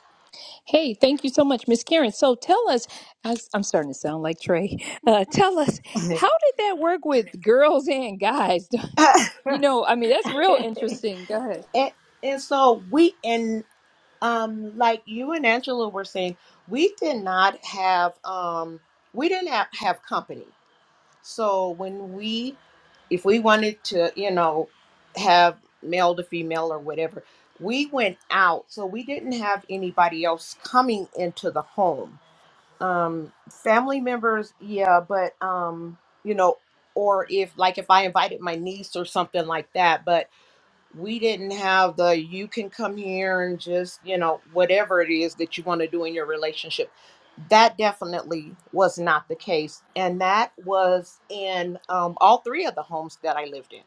Speaker 1: Hey, thank you so much, Miss Karen. So tell us, I am starting to sound like Trey. Uh, tell us, how did that work with girls and guys? you know, I mean, that's real interesting. Go ahead.
Speaker 7: and, and so we and. Um, like you and Angela were saying, we did not have um we didn't have, have company. So when we if we wanted to, you know, have male to female or whatever, we went out. So we didn't have anybody else coming into the home. Um family members, yeah, but um, you know, or if like if I invited my niece or something like that, we didn't have the you can come here and just you know whatever it is that you want to do in your relationship that definitely was not the case and that was in um, all three of the homes that i lived in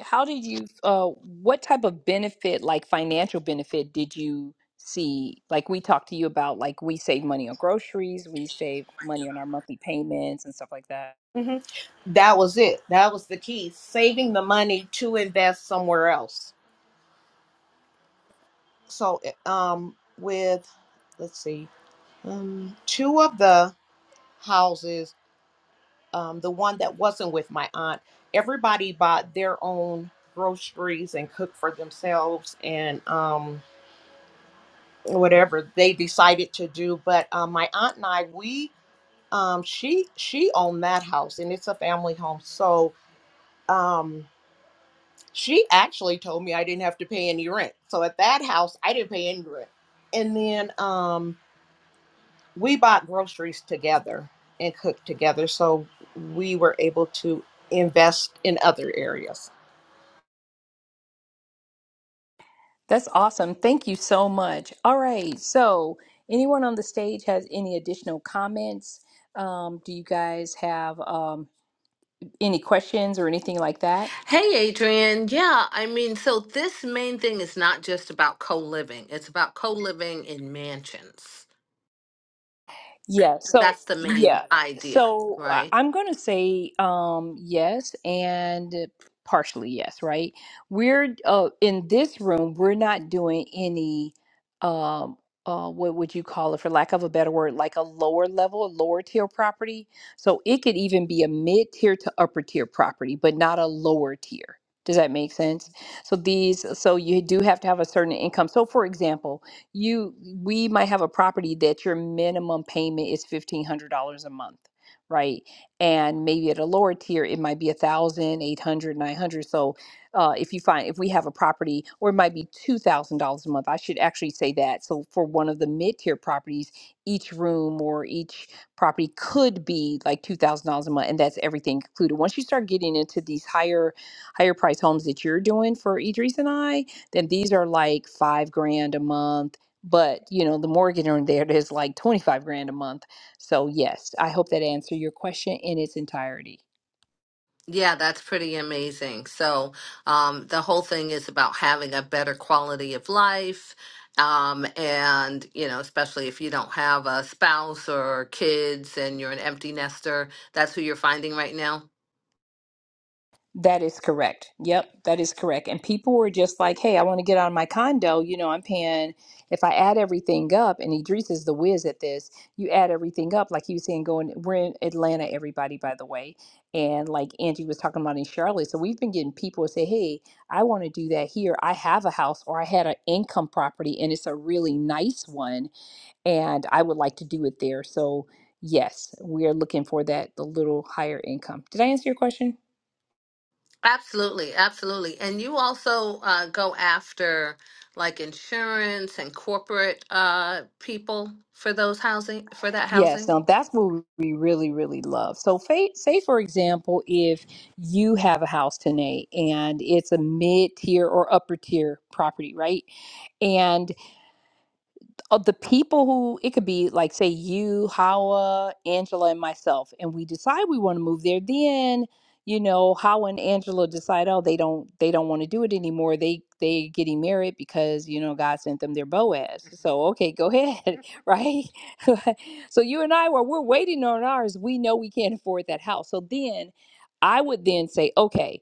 Speaker 1: How did you, uh, what type of benefit, like financial benefit, did you see? Like we talked to you about, like we save money on groceries, we save money on our monthly payments and stuff like that.
Speaker 7: Mhm. that was it that was the key saving the money to invest somewhere else so eh, um with let's see um two of the houses um the one that wasn't with my aunt everybody bought their own groceries and cooked for themselves and um whatever they decided to do but um, my aunt and i we um she she owned that house and it's a family home so um she actually told me i didn't have to pay any rent so at that house i didn't pay any rent and then um we bought groceries together and cooked together so we were able to invest in other areas
Speaker 1: That's awesome. Thank you so much. All right. So, anyone on the stage has any additional comments? Um, do you guys have um, any questions or anything like that?
Speaker 5: Hey, Adrian. Yeah, I mean, so this main thing is not just about co living, it's about co living in mansions.
Speaker 1: Yeah. So,
Speaker 5: That's the main
Speaker 1: yeah.
Speaker 5: idea,
Speaker 1: So I-
Speaker 5: right?
Speaker 1: I'm going to say um, yes and partially yes, right? We're uh, in this room, we're not doing any, um, uh, what would you call it, for lack of a better word, like a lower level, a lower tier property. So it could even be a mid tier to upper tier property, but not a lower tier. Does that make sense? So these, so you do have to have a certain income. So for example, you we might have a property that your minimum payment is fifteen hundred dollars a month right and maybe at a lower tier it might be a thousand eight hundred nine hundred so uh, if you find if we have a property or it might be two thousand dollars a month i should actually say that so for one of the mid-tier properties each room or each property could be like two thousand dollars a month and that's everything included once you start getting into these higher higher price homes that you're doing for idris and i then these are like five grand a month but you know the mortgage on there there's like 25 grand a month so yes i hope that answered your question in its entirety
Speaker 5: Yeah, that's pretty amazing. So, um, the whole thing is about having a better quality of life. Um, and, you know, especially if you don't have a spouse or kids and you're an empty nester, that's who you're finding right now.
Speaker 1: that is correct yep that is correct and people were just like hey i want to get out of my condo you know i'm paying if i add everything up and idris is the whiz at this you add everything up like he was saying going we're in atlanta everybody by the way and like angie was talking about in charlotte so we've been getting people say hey i want to do that here i have a house or i had an income property and it's a really nice one and I would like to do it there. So, yes, we are looking for that the little higher income. Did I answer your question?
Speaker 5: Absolutely, absolutely. And you also uh, go after like insurance and corporate uh, people for those housing for that
Speaker 1: Yes,
Speaker 5: housing.
Speaker 1: now that's what we really, really love. So, fa- say for example, if you have a house today and it's a mid tier or upper tier property, right? And. uh, the people who it could be like say you Hawa, Angela, and myself, and we decide we want to move there. Then you know Hawa and Angela decide oh they don't they don't want to do it anymore. They they getting married because you know God sent them their Boaz. So okay, go ahead, right? so you and I were we're waiting on ours. We know we can't afford that house. So then I would then say okay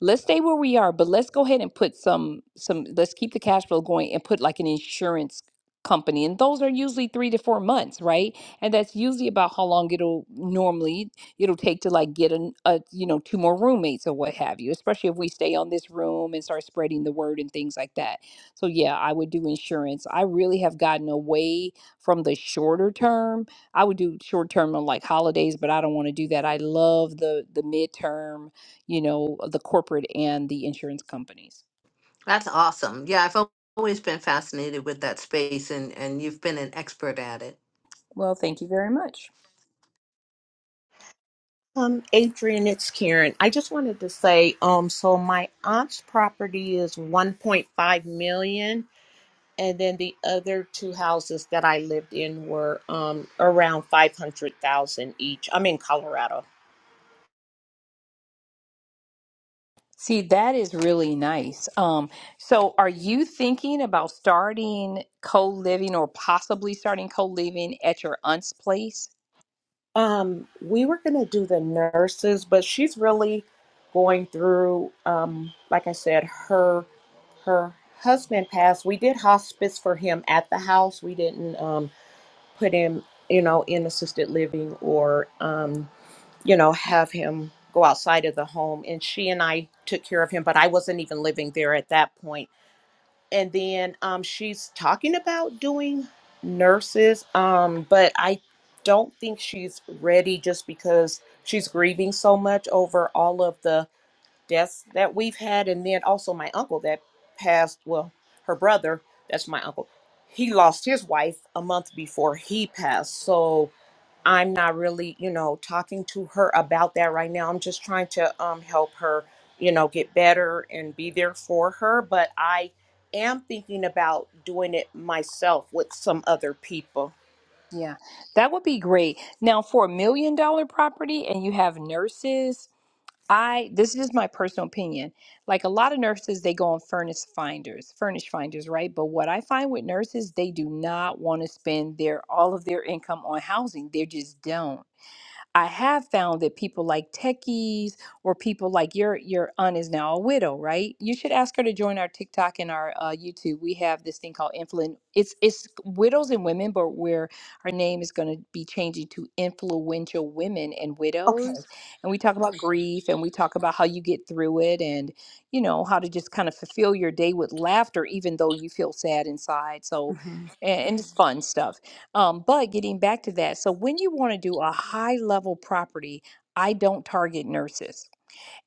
Speaker 1: let's stay where we are but let's go ahead and put some some let's keep the cash flow going and put like an insurance company and those are usually three to four months right and that's usually about how long it'll normally it'll take to like get an, a you know two more roommates or what have you especially if we stay on this room and start spreading the word and things like that so yeah i would do insurance i really have gotten away from the shorter term i would do short term on like holidays but i don't want to do that i love the the midterm you know the corporate and the insurance companies
Speaker 5: That's awesome. Yeah, I've al- always been fascinated with that space, and and you've been an expert at it.
Speaker 1: well thank you very much
Speaker 7: um adrian it's karen i just wanted to say um so my aunt's property is 1.5 million and then the other two houses that i lived in were um around 500000 each i'm in colorado
Speaker 1: See, that is really nice. Um, so are you thinking about starting co-living or possibly starting co-living at your aunt's place?
Speaker 7: Um, we were going to do the nurses, but she's really going through, um, like I said, her her husband passed. We did hospice for him at the house. We didn't um, put him, you know, in assisted living or, um, you know, have him go outside of the home. And she and I took care of him, but I wasn't even living there at that point and then um, she's talking about doing nurses um, but i don't think she's ready just because she's grieving so much over all of the deaths that we've had and then also my uncle that passed well her brother that's my uncle he lost his wife a month before he passed so I'm not really, you know, talking to her about that right now. I'm just trying to um, help her, you know, get better and be there for her. But I am thinking about doing it myself with some other people.
Speaker 1: Yeah, that would be great. Now, for a million dollar property and you have nurses, I this is my personal opinion. Like a lot of nurses, they go on furnace finders, furnish finders, right? But what I find with nurses, they do not want to spend their all of their income on housing. They just don't. I have found that people like techies or people like your your aunt is now a widow, right? You should ask her to join our TikTok and our uh, YouTube. We have this thing called influen. It's it's widows and women, but where our name is going to be changing to influential women and
Speaker 7: Okay.
Speaker 1: widows. And we talk about Right. grief, and we talk about how you get through it, and you know how to just kind of fulfill your day with laughter, even though you feel sad inside. So, and, and it's fun stuff. Um, but getting back to that, so when you want to do a high level property, I don't target nurses.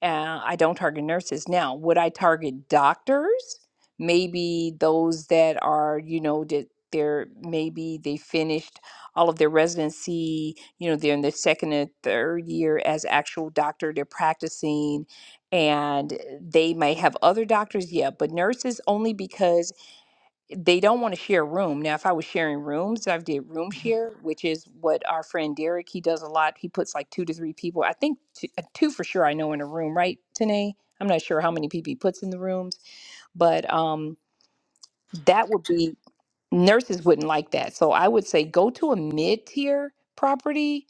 Speaker 1: Uh, I don't target nurses. Now, would I target doctors? Maybe those that are, you know, that they're maybe they finished all of their residency, you know, they're in their second and third year as actual doctor, they're practicing, and they may have other doctors, yeah, but nurses only because they don't want to share a room. Now, if I was sharing rooms, I've did room share, which is what our friend Derek he does a lot. He puts like two to three people. I think two, uh, two for sure. I know in a room, right, Tanae? I'm not sure how many people he puts in the rooms, but um, that would be nurses wouldn't like that. So I would say go to a mid tier property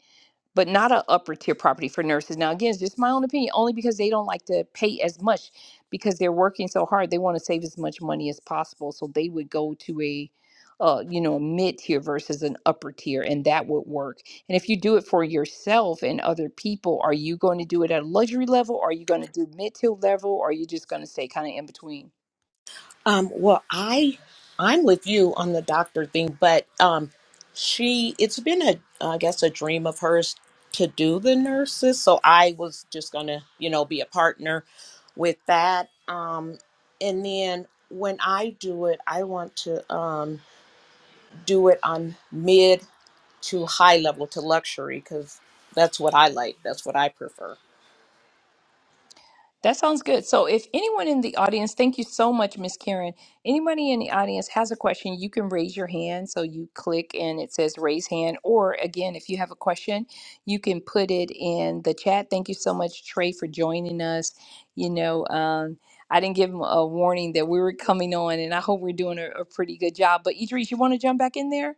Speaker 1: but not an upper tier property for nurses. Now, again, it's just my own opinion, only because they don't like to pay as much because they're working so hard. They want to save as much money as possible, so they would go to a uh, you know, a mid tier versus an upper tier, and that would work. And if you do it for yourself and other people, are you going to do it at a luxury level? are you going to do mid tier level? Or are you just going to stay kind of in between?
Speaker 7: Um, well, I I'm with you on the doctor thing, but um, she it's been a I guess a dream of hers to do the nurses, so I was just gonna you know be a partner with that. Um, and then when I do it, I want to um, do it on mid to high level to luxury because that's what I like. That's what I prefer.
Speaker 1: That sounds good. So, if anyone in the audience, thank you so much, Miss Karen. Anybody in the audience has a question, you can raise your hand. So, you click and it says raise hand. Or, again, if you have a question, you can put it in the chat. Thank you so much, Trey, for joining us. You know, um, I didn't give him a warning that we were coming on, and I hope we're doing a, a pretty good job. But Idris, you want to jump back in there?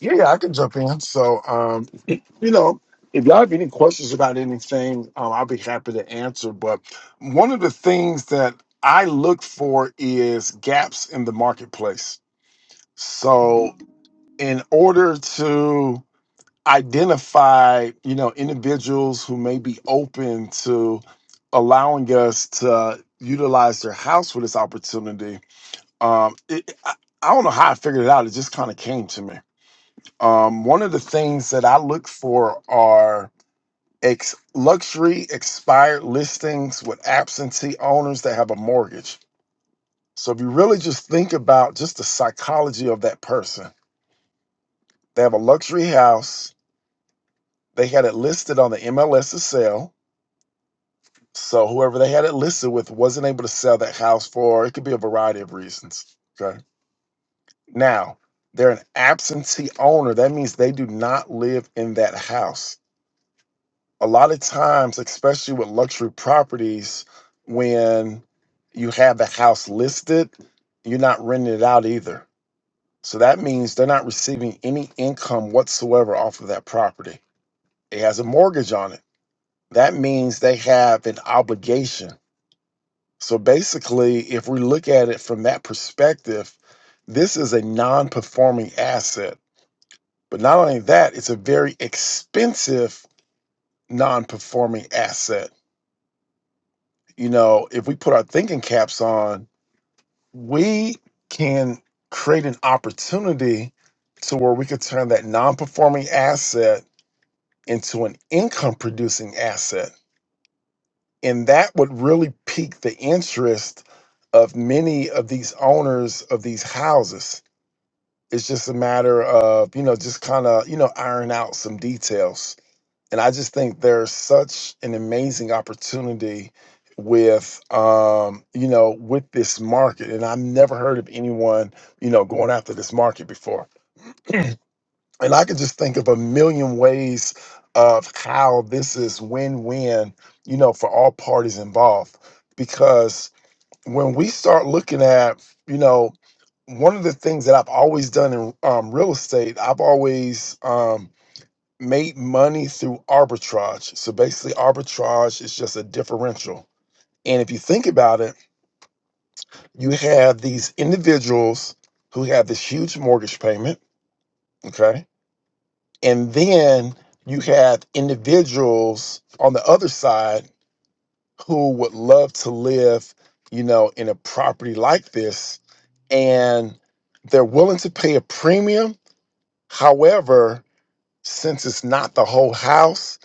Speaker 4: Yeah, yeah, I can jump in. So, um, you know, if y'all have any questions about anything, um, I'll be happy to answer. But one of the things that I look for is gaps in the marketplace. So, in order to identify, you know, individuals who may be open to allowing us to utilize their house for this opportunity, um, it, I, I don't know how I figured it out. It just kind of came to me um, one of the things that I look for are ex- luxury expired listings with absentee owners that have a mortgage. So if you really just think about just the psychology of that person, they have a luxury house, they had it listed on the MLS to sell. So whoever they had it listed with wasn't able to sell that house for, it could be a variety of reasons. Okay. Now, they're an absentee owner. That means they do not live in that house a lot of times, especially with luxury properties, when you have the house listed, you're not renting it out either. So that means they're not receiving any income whatsoever off of that property. It has a mortgage on it. That means they have an obligation. So basically, if we look at it from that perspective, this is a non performing asset. But not only that, it's a very expensive non performing asset you know, if we put our thinking caps on, we can create an opportunity to where we could turn that non performing asset into an income producing asset. And that would really pique the interest of many of these owners of these houses. It's just a matter of, you know, just kind of, you know, iron out some details and I just think there's such an amazing opportunity with um you know with this market and I've never heard of anyone you know going after this market before and I could just think of a million ways of how this is win-win you know for all parties involved because when we start looking at you know one of the things that I've always done in um, real estate I've always um, made money through arbitrage. So basically, arbitrage is just a differential. And if you think about it, you have these individuals who have this huge mortgage payment, okay? And then you have individuals on the other side who would love to live, you know, in a property like this. And they're willing to pay a premium. However, since it's not the whole house,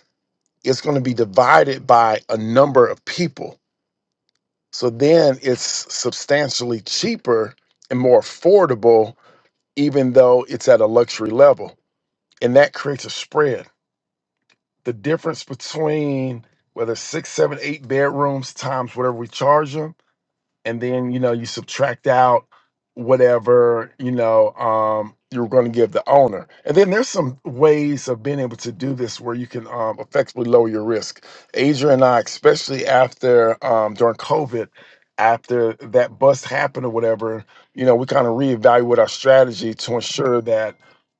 Speaker 4: it's going to be divided by a number of people. So then it's substantially cheaper and more affordable, even though it's at a luxury level. And that creates a spread. The difference between whether six, seven, eight bedrooms times whatever we charge them and then you know you subtract out whatever you know um, you're going to give the owner and then there's some ways of being able to do this where you can um, effectively lower your risk adrian and i especially after um, during covid after that bust happened or whatever you know we kind of reevaluate our strategy to ensure that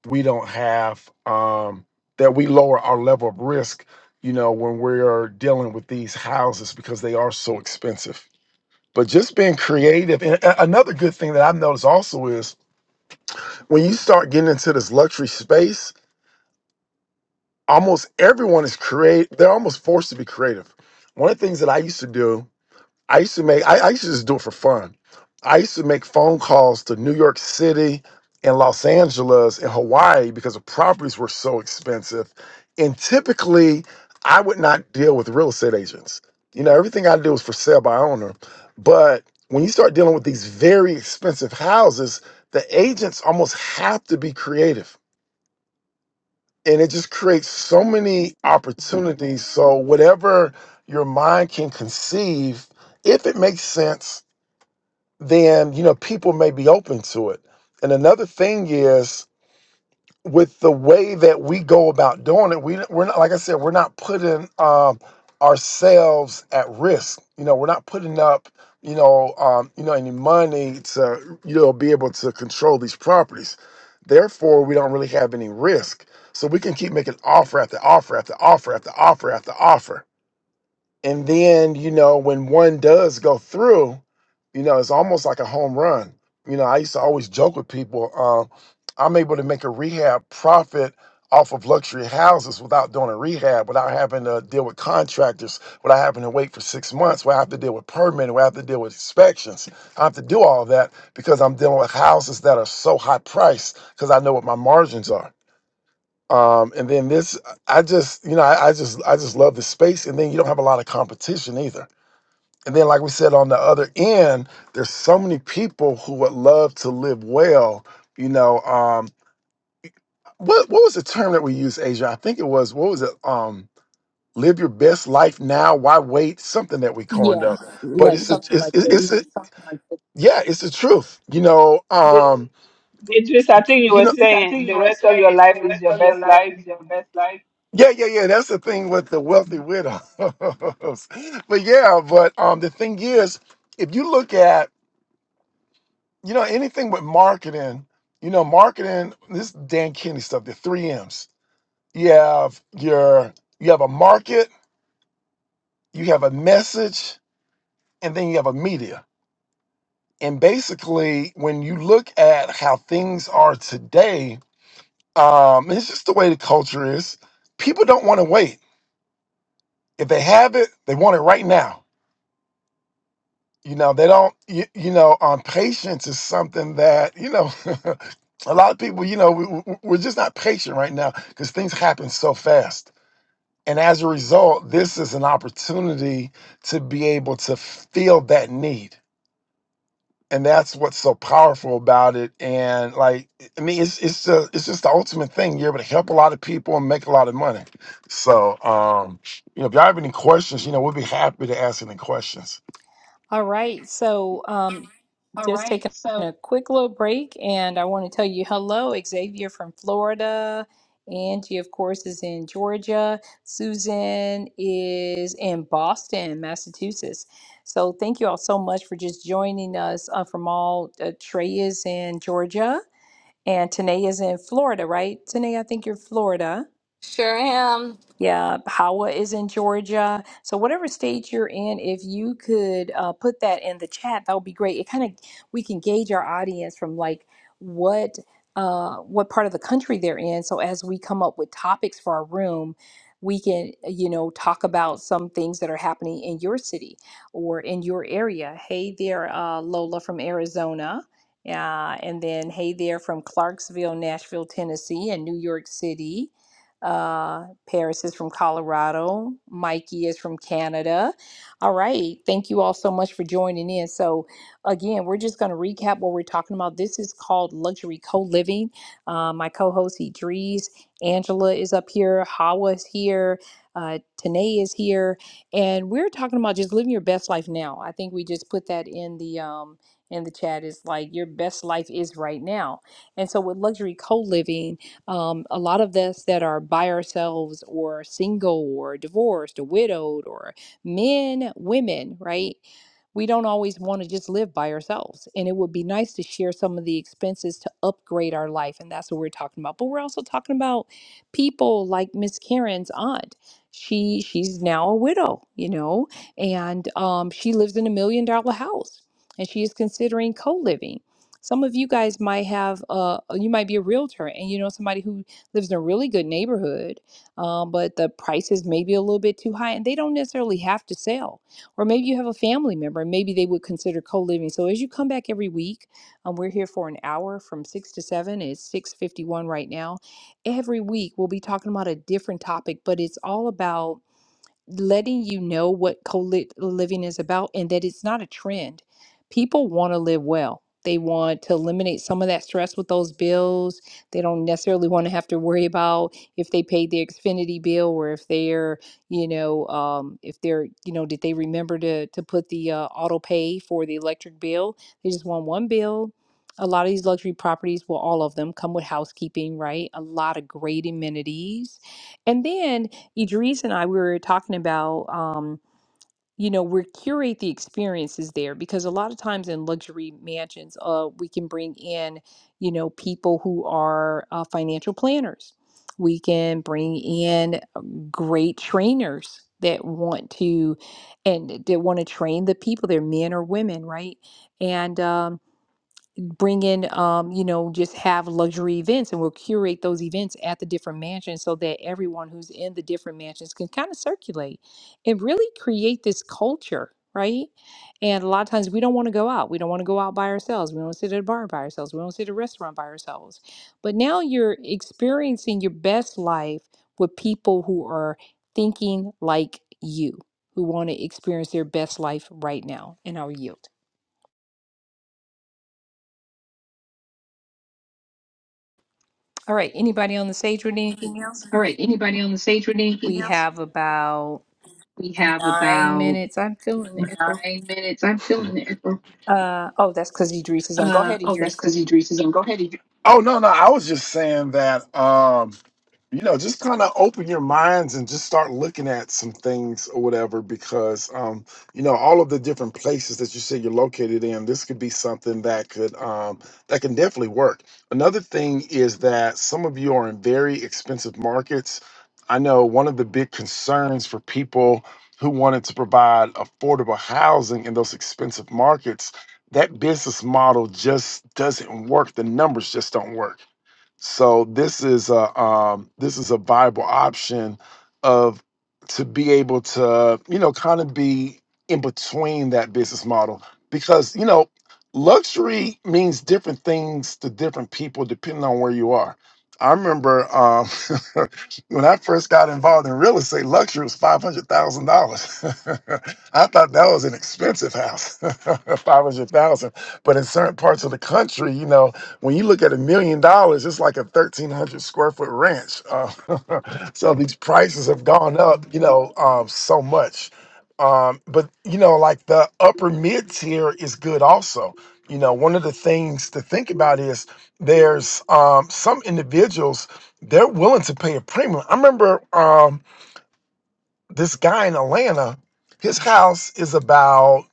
Speaker 4: we don't have um, that we lower our level of risk you know when we're dealing with these houses because they are so expensive but just being creative. And a- another good thing that I've noticed also is when you start getting into this luxury space, almost everyone is create. They're almost forced to be creative. One of the things that I used to do I used to make I, I used to just do it for fun. I used to make phone calls to New York City and Los Angeles and Hawaii because the properties were so expensive. And typically I would not deal with real estate agents. You know, everything I do is for sale by owner. But when you start dealing with these very expensive houses, the agents almost have to be creative. And it just creates so many opportunities. So whatever your mind can conceive, if it makes sense then you know people may be open to it. And another thing is with the way that we go about doing it, we we're not like I said, we're not putting um, ourselves at risk. You know, we're not putting up you know um, you know any money to you know be able to control these properties. Therefore, we don't really have any risk. So we can keep making offer after offer after offer after offer after offer and then, you know, when one does go through, you know, it's almost like a home run. You know, I used to always joke with people, uh, I'm able to make a rehab profit off of luxury houses without doing a rehab, without having to deal with contractors, without having to wait for six months, where I have to deal with permitting, where I have to deal with inspections. I have to do all that because I'm dealing with houses that are so high priced because I know what my margins are. Um, and then this, I just, you know, I, I just, I just love the space. And then you don't have a lot of competition either. And then, like we said, on the other end, there's so many people who would love to live well. You know, um, what what was the term that we used, Asia? I think it was what was it? Um, live your best life now. Why wait? Something that we coined
Speaker 1: Yeah,
Speaker 4: up, but
Speaker 1: like
Speaker 4: it's a,
Speaker 1: something
Speaker 4: it's
Speaker 1: like this.
Speaker 4: it's, it's a, yeah, it's the truth. You know,
Speaker 3: The,
Speaker 4: um, Th-
Speaker 3: Idris, I think you
Speaker 4: You
Speaker 3: were
Speaker 4: know, This, I
Speaker 3: saying
Speaker 4: think
Speaker 3: the
Speaker 4: you were
Speaker 3: rest of your
Speaker 4: saying
Speaker 3: life
Speaker 4: the
Speaker 3: is
Speaker 4: rest
Speaker 3: your
Speaker 4: of your
Speaker 3: best
Speaker 4: life
Speaker 3: life.
Speaker 4: is your best life. yeah, yeah, yeah. That's the thing with the wealthy widows. but yeah, but um, the thing is, if you look at you know anything with marketing, you know marketing. This Dan Kennedy stuff. The three M's. You have your you have a market, you have a message, and then you have a media. And basically, when you look at how things are today, Um, it's just the way the culture is. People don't want to wait. If they have it, they want it right now. You know, they don't. You, you know, um, patience is something that you know. a lot of people, you know, we, we- we're just not patient right now because things happen so fast. And as a result, this is an opportunity to be able to feel that need. and that's what's so powerful about it. And like, I mean, it's it's the it's just the ultimate thing. You're able to help a lot of people and make a lot of money. So, um, you know, if y'all have any questions, you know, we'll be happy to answer any questions.
Speaker 1: All right. So, um,
Speaker 4: All
Speaker 1: Just
Speaker 4: right.
Speaker 1: taking
Speaker 4: So,
Speaker 1: a quick little break, and I want to tell you hello, Xavier from Florida. Angie, of course, is in Georgia. Susan is in Boston, Massachusetts. So, thank you all so much for just joining us uh, from all. Uh, Trey is in Georgia, and Tanae is in Florida, right? Tanae, I think you're Florida.
Speaker 5: Sure am.
Speaker 1: Yeah, Powell is in Georgia. So whatever state you're in, if you could uh, put that in the chat, that would be great. It kind of we can gauge our audience from like what uh, what part of the country they're in. So as we come up with topics for our room, we can you know talk about some things that are happening in your city or in your area. Hey there, uh, Lola from Arizona. Uh, and then hey there from Clarksville, Nashville, Tennessee, and New York City uh, Paris is from Colorado. Mikey is from Canada. All right. Thank you all so much for joining in. So, again, we're just going to recap what we're talking about. This is called luxury co living. Uh, my co host, Idris, Angela is up here, Hawa is here, uh, Tanae is here. And we're talking about just living your best life now. I think we just put that in the. Um, in the chat It's like your best life is right now. And so with luxury co-living, um, a lot of us that are by ourselves or single or divorced or widowed or men, women, right? we don't always want to just live by ourselves. And it would be nice to share some of the expenses to upgrade our life. And that's what we're talking about. But we're also talking about people like Miss Karen's aunt. She she's now a widow, you know, and um, she lives in a million dollar house and she is considering co-living. Some of you guys might have uh you might be a realtor and you know somebody who lives in a really good neighborhood, um, but the price is maybe a little bit too high and they don't necessarily have to sell or maybe you have a family member and maybe they would consider co living. So as you come back every week, um, we're here for an hour from 6 to 7. It's 6.51 right now. Every week, we'll be talking about a different topic, but it's all about letting you know what co living is about and that it's not a trend. People want to live well. They want to eliminate some of that stress with those bills. They don't necessarily want to have to worry about if they paid their Xfinity bill or if they're, you know, um, if they're, you know, did they remember to to put the uh, auto pay for the electric bill? They just want one bill. A lot of these luxury properties, well, all of them come with housekeeping, right? A lot of great amenities. And then Idris and I we were talking about um, you know, we curate the experiences there because a lot of times in luxury mansions, uh, we can bring in, you know, people who are uh, financial planners. We can bring in um, great trainers that want to and that want to train the people, they're men or women, right? And um bring in um you know just have luxury events and we'll curate those events at the different mansions so that everyone who's in the different mansions can kind of circulate and really create this culture right and a lot of times we don't want to go out we don't want to go out by ourselves we don't want to sit at a bar by ourselves we don't sit at a restaurant by ourselves but now you're experiencing your best life with people who are thinking like you who want to experience their best life right now and I'll yield all right anybody on the stage with anything else
Speaker 4: all right. Anybody on the stage with anything
Speaker 1: We
Speaker 4: else?
Speaker 1: have about
Speaker 4: We have
Speaker 1: nine
Speaker 4: about
Speaker 1: minutes. I'm feeling it.
Speaker 4: nine minutes. I'm feeling it.
Speaker 1: Uh, oh, that's because Idris is on. Go
Speaker 4: Uh,
Speaker 1: ahead,
Speaker 4: oh, that's
Speaker 1: Idris.
Speaker 4: because Idris is on. Go ahead, Idris. Oh no, no, I was just saying that. Um, you know, just kind of open your minds and just start looking at some things or whatever, because, um, you know, all of the different places that you say you're located in, this could be something that could, um, that can definitely work. Another thing is that some of you are in very expensive markets. I know one of the big concerns for people who wanted to provide affordable housing in those expensive markets, that business model just doesn't work. The numbers just don't work so this is a um, this is a viable option of to be able to you know kind of be in between that business model because you know luxury means different things to different people depending on where you are. I remember um, when I first got involved in real estate, luxury was five hundred thousand dollars. I thought that was an expensive house, five hundred thousand. But in certain parts of the country, you know, when you look at a million dollars, it's like a thirteen hundred square foot ranch. Uh, so these prices have gone up, you know, um, so much. Um, but you know, like the upper mid tier is good also. You know, one of the things to think about is there's um, some individuals they're willing to pay a premium. I remember um, this guy in Atlanta, his house is about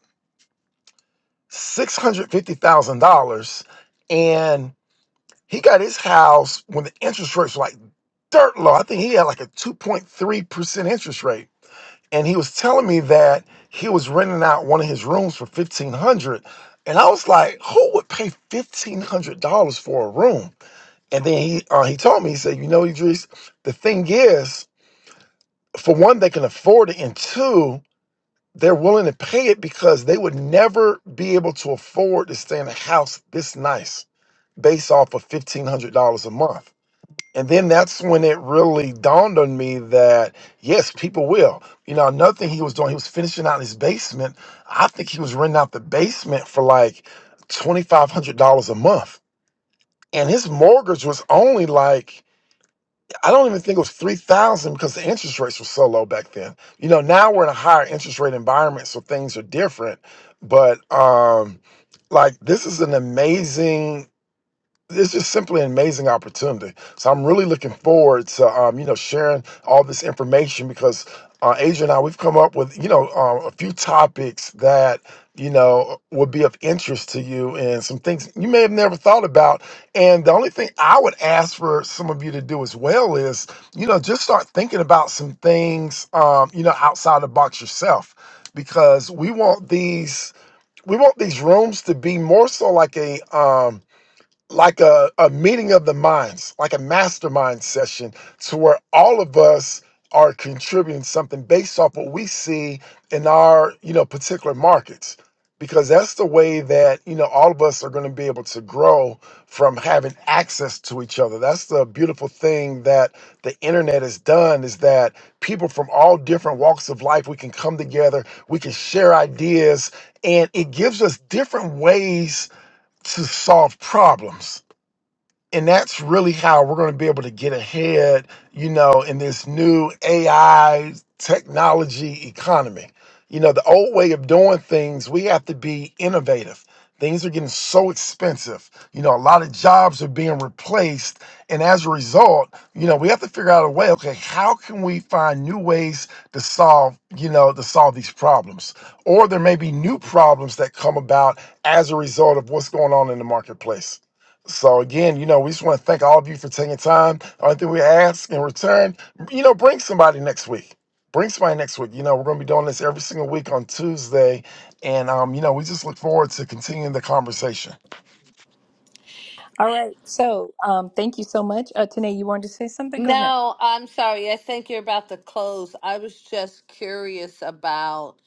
Speaker 4: six hundred fifty thousand dollars, and he got his house when the interest rates were like dirt low. I think he had like a 2.3% interest rate. And he was telling me that he was renting out one of his rooms for 1500 And I was like, who would pay $1,500 for a room? And then he uh, he told me, he said, you know, Idris, the thing is, for one, they can afford it. And two, they're willing to pay it because they would never be able to afford to stay in a house this nice based off of $1,500 a month. And then that's when it really dawned on me that yes, people will. You know, another thing he was doing, he was finishing out his basement. I think he was renting out the basement for like twenty five hundred dollars a month, and his mortgage was only like I don't even think it was three thousand because the interest rates were so low back then. You know, now we're in a higher interest rate environment, so things are different. But um, like, this is an amazing it's just simply an amazing opportunity. So I'm really looking forward to um, you know sharing all this information because uh, Asia and I we've come up with you know um, a few topics that you know would be of interest to you and some things you may have never thought about. And the only thing I would ask for some of you to do as well is you know just start thinking about some things um, you know outside the box yourself because we want these we want these rooms to be more so like a um, like a, a meeting of the minds, like a mastermind session, to where all of us are contributing something based off what we see in our, you know, particular markets. Because that's the way that, you know, all of us are going to be able to grow from having access to each other. That's the beautiful thing that the internet has done is that people from all different walks of life, we can come together, we can share ideas, and it gives us different ways to solve problems and that's really how we're going to be able to get ahead, you know, in this new AI technology economy. You know, the old way of doing things, we have to be innovative. Things are getting so expensive. You know, a lot of jobs are being replaced. And as a result, you know, we have to figure out a way, okay, how can we find new ways to solve, you know, to solve these problems? Or there may be new problems that come about as a result of what's going on in the marketplace. So again, you know, we just want to thank all of you for taking time. Only thing we ask in return, you know, bring somebody next week. Bring somebody next week. You know, we're going to be doing this every single week on Tuesday, and um, you know, we just look forward to continuing the conversation.
Speaker 1: All right. So, um, thank you so much. Uh, Tanae, you wanted to say something? Go ahead.
Speaker 5: No, I'm sorry. I think you're about to close. I was just curious about,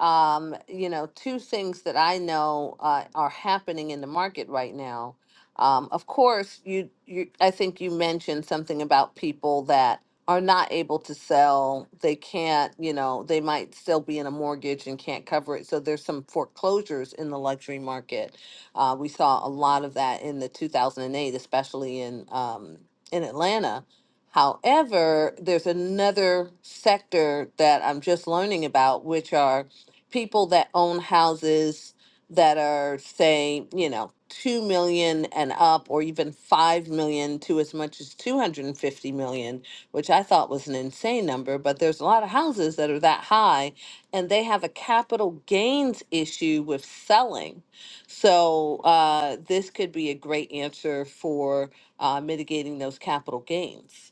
Speaker 5: um, you know, two things that I know uh, are happening in the market right now. Um, of course, you, you. I think you mentioned something about people that are not able to sell. They can't, you know, they might still be in a mortgage and can't cover it. So there's some foreclosures in the luxury market. Uh, we saw a lot of that in the 2008, especially in um, in Atlanta However, there's another sector that I'm just learning about, which are people that own houses that are, say, you know, 2 million and up, or even 5 million to as much as 250 million, which I thought was an insane number. But there's a lot of houses that are that high, and they have a capital gains issue with selling. So uh, this could be a great answer for uh, mitigating those capital gains.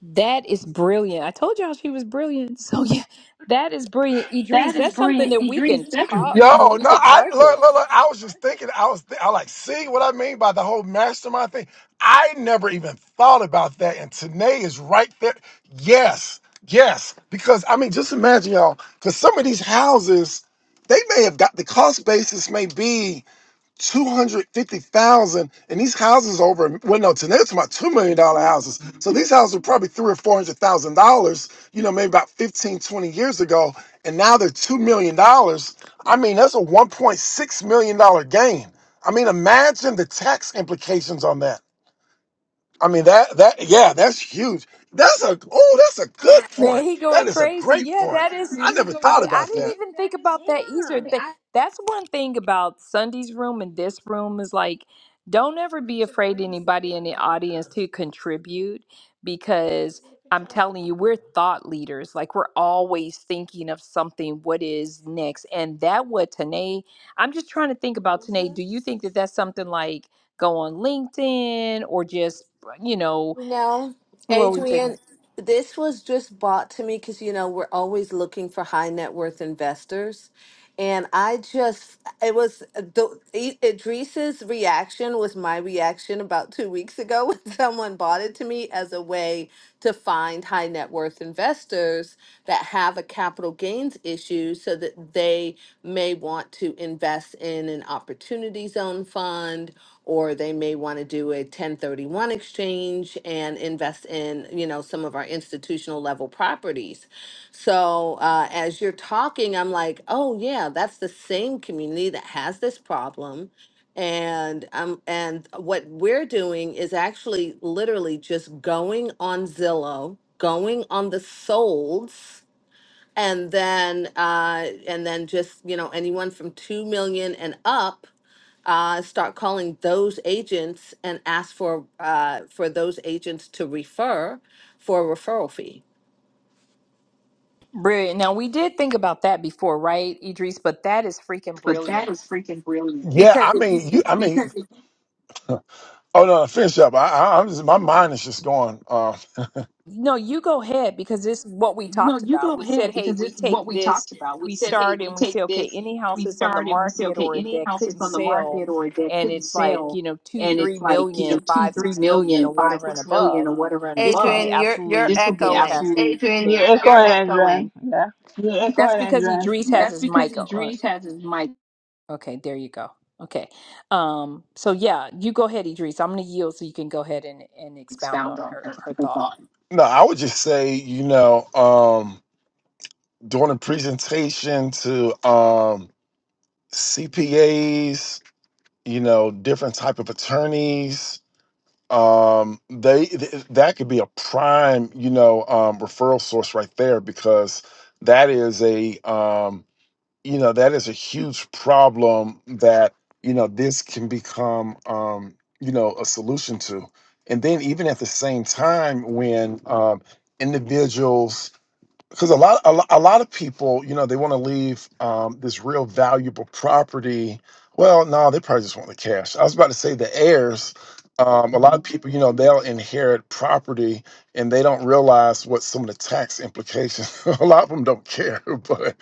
Speaker 1: That is brilliant. I told y'all she was brilliant. So, yeah, that is brilliant.
Speaker 4: That
Speaker 1: Idris,
Speaker 4: is
Speaker 1: that's something
Speaker 4: brilliant,
Speaker 1: that we
Speaker 4: Idris.
Speaker 1: can
Speaker 4: That's a Yo,
Speaker 1: talk. I mean, we
Speaker 4: no,
Speaker 1: could
Speaker 4: I look,
Speaker 1: target.
Speaker 4: look, look. I was just thinking. I was, th- I like seeing what I mean by the whole mastermind thing. I never even thought about that, and Tanae is right there. Yes, yes, because I mean, just imagine y'all, because some of these houses, they may have got the cost basis may be two hundred fifty thousand, and these houses over well, no, today it's about two million dollar houses. So these houses were probably three or four hundred thousand dollars, you know, maybe about 15 20 years ago, and now they're two million dollars. I mean, that's a one point six million dollar gain. I mean, imagine the tax implications on that. I mean, that that yeah, that's huge. That's a oh, that's a good
Speaker 1: Man,
Speaker 4: point.
Speaker 1: he
Speaker 4: That
Speaker 1: going
Speaker 4: is a
Speaker 1: crazy.
Speaker 4: great
Speaker 1: Yeah,
Speaker 4: point.
Speaker 1: that is.
Speaker 4: I never
Speaker 1: I
Speaker 4: thought
Speaker 1: mean, I
Speaker 4: about
Speaker 1: didn't
Speaker 4: that.
Speaker 1: even think about that either. Th- That's one thing about Sunday's room and this room is like, don't ever be afraid anybody in the audience to contribute because I'm telling you, we're thought leaders. Like we're always thinking of something. What is next? And that what Tanae. I'm just trying to think about Tanae. Do you think that that's something like go on LinkedIn or just you know
Speaker 5: No,
Speaker 1: what we think?
Speaker 5: Adrian, this was just bought to me because, you know, we're always looking for high net worth investors. And I just, it was the I- Idris's reaction was my reaction about two weeks ago when someone bought it to me as a way to find high net worth investors that have a capital gains issue so that they may want to invest in an opportunity zone fund or they may want to do a 1031 exchange and invest in you know some of our institutional level properties so uh, as you're talking i'm like oh yeah that's the same community that has this problem and um and what we're doing is actually literally just going on zillow going on the solds and then uh and then just you know anyone from 2 million and up uh start calling those agents and ask for uh for those agents to refer for a referral fee
Speaker 1: Brilliant. Now we did think about that before, right, Idris? But that is freaking
Speaker 4: But
Speaker 1: brilliant
Speaker 4: that is freaking brilliant. Yeah, I
Speaker 1: because if you
Speaker 4: mean, you. I mean, Oh no, finish up. I, I, I'm just my mind is just going. Uh,
Speaker 1: no, you go ahead because this is what we
Speaker 4: No,
Speaker 1: talked
Speaker 4: you
Speaker 1: about.
Speaker 4: go
Speaker 1: We said,
Speaker 4: ahead
Speaker 1: hey,
Speaker 4: because
Speaker 1: we
Speaker 4: this is what
Speaker 1: take
Speaker 4: we
Speaker 1: this,
Speaker 4: talked about. We
Speaker 1: we
Speaker 4: said, hey,
Speaker 1: start,
Speaker 4: we
Speaker 1: and we
Speaker 4: take
Speaker 1: say, okay,
Speaker 4: this,
Speaker 1: any house
Speaker 4: we
Speaker 1: that's on the
Speaker 4: start and we say,
Speaker 1: market
Speaker 4: okay,
Speaker 1: or
Speaker 4: any
Speaker 1: that
Speaker 4: house that's
Speaker 1: couldn't
Speaker 4: on the
Speaker 1: sell,
Speaker 4: market or that
Speaker 1: and
Speaker 4: couldn't
Speaker 1: it's like
Speaker 4: sell
Speaker 1: you know two,
Speaker 4: and
Speaker 1: three
Speaker 4: it's like, you know,
Speaker 1: million,
Speaker 4: two,
Speaker 1: five,
Speaker 4: three
Speaker 1: six million,
Speaker 4: million,
Speaker 1: or
Speaker 4: five,
Speaker 1: whatever and
Speaker 4: six million
Speaker 1: above,
Speaker 4: or whatever and
Speaker 1: this will be
Speaker 4: above,
Speaker 5: Adrian, you're you're
Speaker 1: absolutely
Speaker 4: this would be
Speaker 5: echoing.
Speaker 1: fantastic.
Speaker 4: absolutely Adrian, you're
Speaker 3: Yeah,
Speaker 4: you're
Speaker 3: Go
Speaker 4: fantastic.
Speaker 3: ahead,
Speaker 4: echoing.
Speaker 3: Adrian. Yeah.
Speaker 4: Yeah, go
Speaker 1: That's
Speaker 4: ahead,
Speaker 1: because
Speaker 4: Andrea.
Speaker 1: Idris
Speaker 4: Yeah.
Speaker 1: has
Speaker 4: That's
Speaker 1: his
Speaker 4: because
Speaker 1: mic on.
Speaker 4: Idris has his mic
Speaker 1: Okay, there you go. Okay. Um, so yeah, you go ahead, Idris. I'm gonna yield so you can go ahead and, and expound
Speaker 4: expound
Speaker 1: on
Speaker 4: on
Speaker 1: her
Speaker 4: her,
Speaker 1: her
Speaker 4: her
Speaker 1: thought.
Speaker 4: thought. no, I would just say you know um, doing a presentation to. Um, CPAs, you know, different type of attorneys. Um, they th- that could be a prime, you know, um, referral source right there because that is a um, you know that is a huge problem that you know this can become um, you know a solution to. And then even at the same time, when um, individuals because a lot a, lot, a lot of people you know they want to leave um, this real valuable property well no they probably just want the cash i was about to say the heirs um, a lot of people you know they'll inherit property and they don't realize what some of the tax implications a lot of them don't care but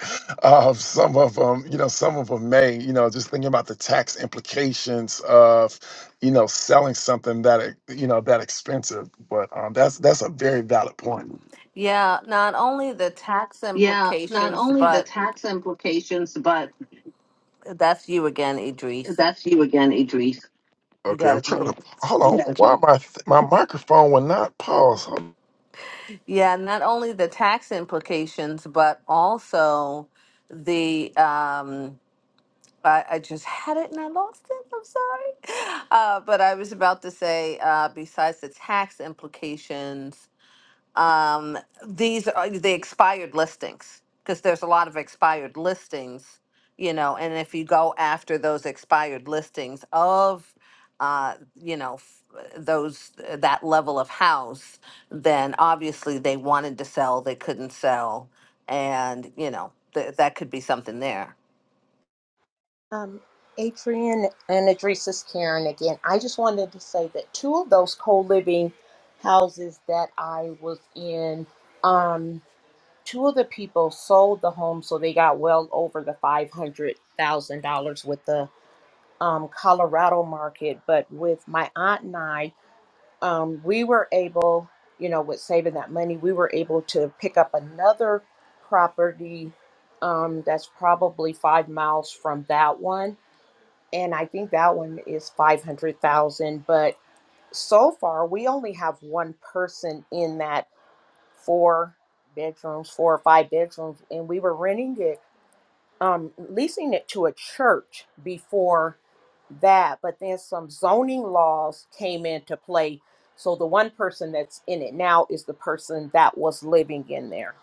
Speaker 4: um, some of them you know some of them may you know just thinking about the tax implications of you know selling something that e- you know that expensive but um, that's that's a very valid point
Speaker 5: Yeah, not only the tax implications,
Speaker 4: the
Speaker 5: but
Speaker 4: tax implications, but
Speaker 5: that's you again, Idris.
Speaker 4: that's you again, Idris.
Speaker 5: You
Speaker 4: Okay,
Speaker 5: got
Speaker 4: I'm
Speaker 5: to
Speaker 4: trying to
Speaker 5: mute.
Speaker 4: hold You on. got Why it. my my microphone will not pause? Hold-
Speaker 5: Yeah, not only the tax implications, but also the um I, I just had it and I lost it. I'm sorry. Uh, but I was about to say, uh, besides the tax implications, Um, these are uh, the expired listings because there's a lot of expired listings, you know, and if you go after those expired listings of, uh, you know, f- those that level of house, then obviously they wanted to sell, they couldn't sell, and you know th- that could be something there.
Speaker 7: Um, Adrian and Adresa's Karen again. I just wanted to say that two of those co-living houses that I was in, um, two of the people sold the home, so they got well over the five hundred thousand dollars with the um, Colorado market. But with my aunt and I, um, we were able, you know, with saving that money, we were able to pick up another property um, that's probably five miles from that one and I think that one is 500,000. But so far, we only have one person in that four bedrooms, four or five bedrooms, and we were renting it, um, leasing it to a church before that. But then some zoning laws came into play. So the one person that's in it now is the person that was living in there.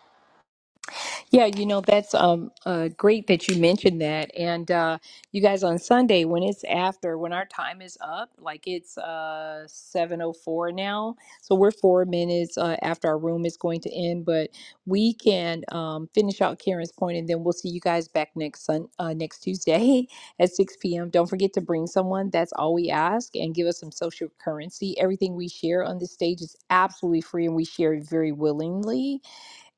Speaker 1: Yeah, you know, that's um uh great that you mentioned that. And uh you guys on Sunday when it's after when our time is up, like it's uh 7:04 now. So we're 4 minutes uh, after our room is going to end, but we can um finish out Karen's point and then we'll see you guys back next Sun uh, next Tuesday at 6 p.m. Don't forget to bring someone. That's all we ask and give us some social currency. Everything we share on this stage is absolutely free and we share it very willingly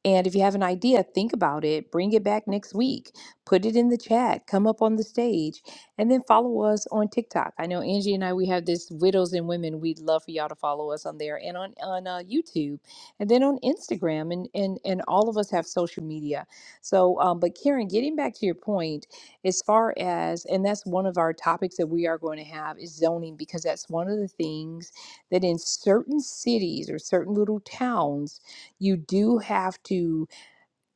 Speaker 1: and if you have an idea, think about it, bring it back next week, put it in the chat, come up on the stage, and then follow us on TikTok. I know Angie and I, we have this Widows and Women. We'd love for y'all to follow us on there and on, on uh, YouTube and then on Instagram. And, and, and all of us have social media. So, um, but Karen, getting back to your point, as far as, and that's one of our topics that we are going to have is zoning, because that's one of the things that in certain cities or certain little towns, you do have to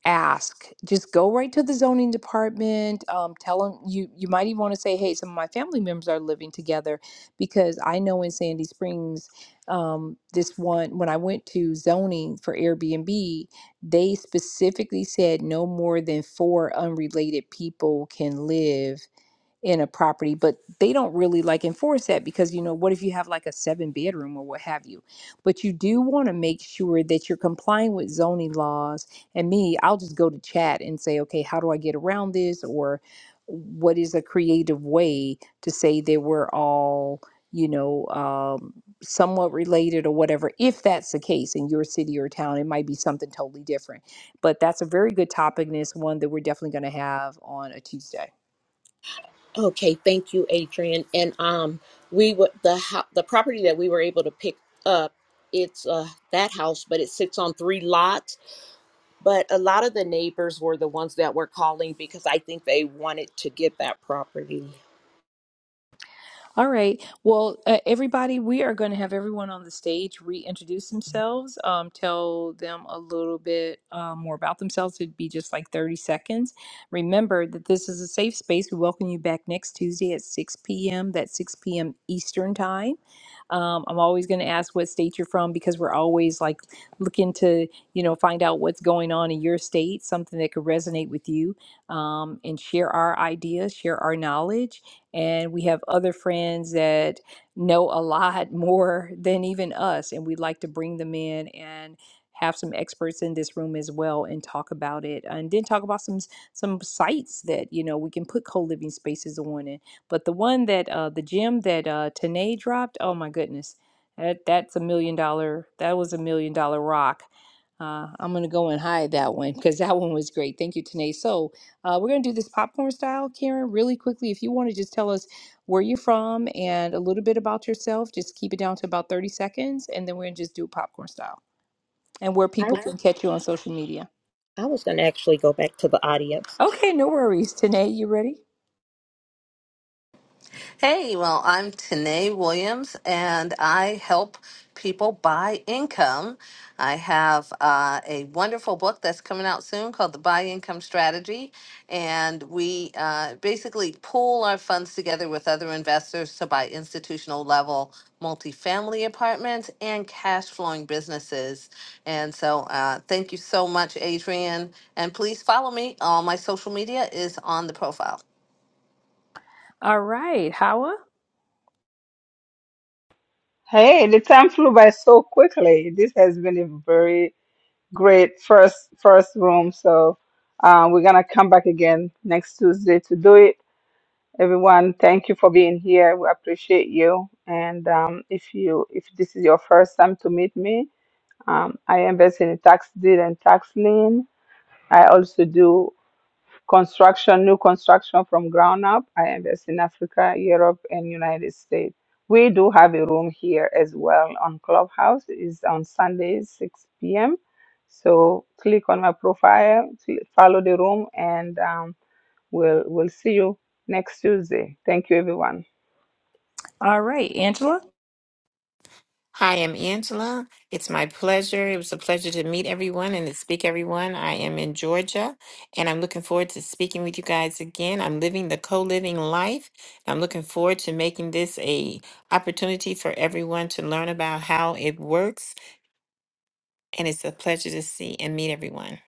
Speaker 1: ask. Just go right to the zoning department. Um, tell them you you might even want to say, "Hey, some of my family members are living together," because I know in Sandy Springs, um, this one when I went to zoning for Airbnb, they specifically said no more than four unrelated people can live in a property, but they don't really like enforce that because you know, what if you have like a seven bedroom or what have you? But you do want to make sure that you're complying with zoning laws. And me, I'll just go to chat and say, okay, how do I get around this? Or what is a creative way to say that we're all, you know, um, somewhat related or whatever, if that's the case in your city or town, it might be something totally different. But that's a very good topic, and it's one that we're definitely going to have on a Tuesday.
Speaker 7: Okay, thank you, Adrian. And um, we were the ho- the property that we were able to pick up. It's uh that house, but it sits on three lots. But a lot of the neighbors were the ones that were calling because I think they wanted to get that property.
Speaker 1: All right. Well, uh, everybody, we are going to have everyone on the stage reintroduce themselves, um, tell them a little bit um, more about themselves. It'd be just like 30 seconds. Remember that this is a safe space. We welcome you back next Tuesday at 6 p.m. That's 6 p.m. Eastern Time. Um, I'm always going to ask what state you're from because we're always like looking to, you know, find out what's going on in your state, something that could resonate with you, um, and share our ideas, share our knowledge and we have other friends that know a lot more than even us, and we like to bring them in and have some experts in this room as well and talk about it and then talk about some some sites that you know we can put co-living spaces on and but the one that uh the gym that uh Tanae dropped oh my goodness that that's a million dollar that was a million dollar rock uh, I'm gonna go and hide that one because that one was great. Thank you, Tanae. So, uh, we're going to do this popcorn style, Karen, really quickly. If you want to just tell us where you're from and a little bit about yourself, just keep it down to about 30 seconds, and then we're going to just do it popcorn style and where people can catch you on social media.
Speaker 7: I was going to actually go back to the audience.
Speaker 1: Okay, no worries. Tanae, you ready?
Speaker 5: Hey, well, I'm Tanae Williams, and I help people buy income. I have uh, a wonderful book that's coming out soon called The Buy Income Strategy, and we uh, basically pool our funds together with other investors to buy institutional level multifamily apartments and cash flowing businesses. And so, uh, thank you so much, Adrian. And please follow me. All my social media is on the profile.
Speaker 1: All right. Hawa?
Speaker 3: Hey, the time flew by so quickly. This has been a very great first first room. So uh, we're gonna come back again next Tuesday to do it. Everyone, thank you for being here. We appreciate you. And um, if you if this is your first time to meet me, um, I invest in tax deed and tax lien. I also do construction, new construction from ground up. I invest in Africa, Europe, and United States. We do have a room here as well on Clubhouse. It's on Sundays, 6 p.m. So click on my profile, cl- follow the room, and um, we'll we'll see you next Tuesday. Thank you, everyone.
Speaker 1: All right. Angela?
Speaker 6: Hi, I'm Angela. It's my pleasure. It was a pleasure to meet everyone and to speak everyone. I am in Georgia and I'm looking forward to speaking with you guys again. I'm living the co-living life. I'm looking forward to making this a opportunity for everyone to learn about how it works and it's a pleasure to see and meet everyone.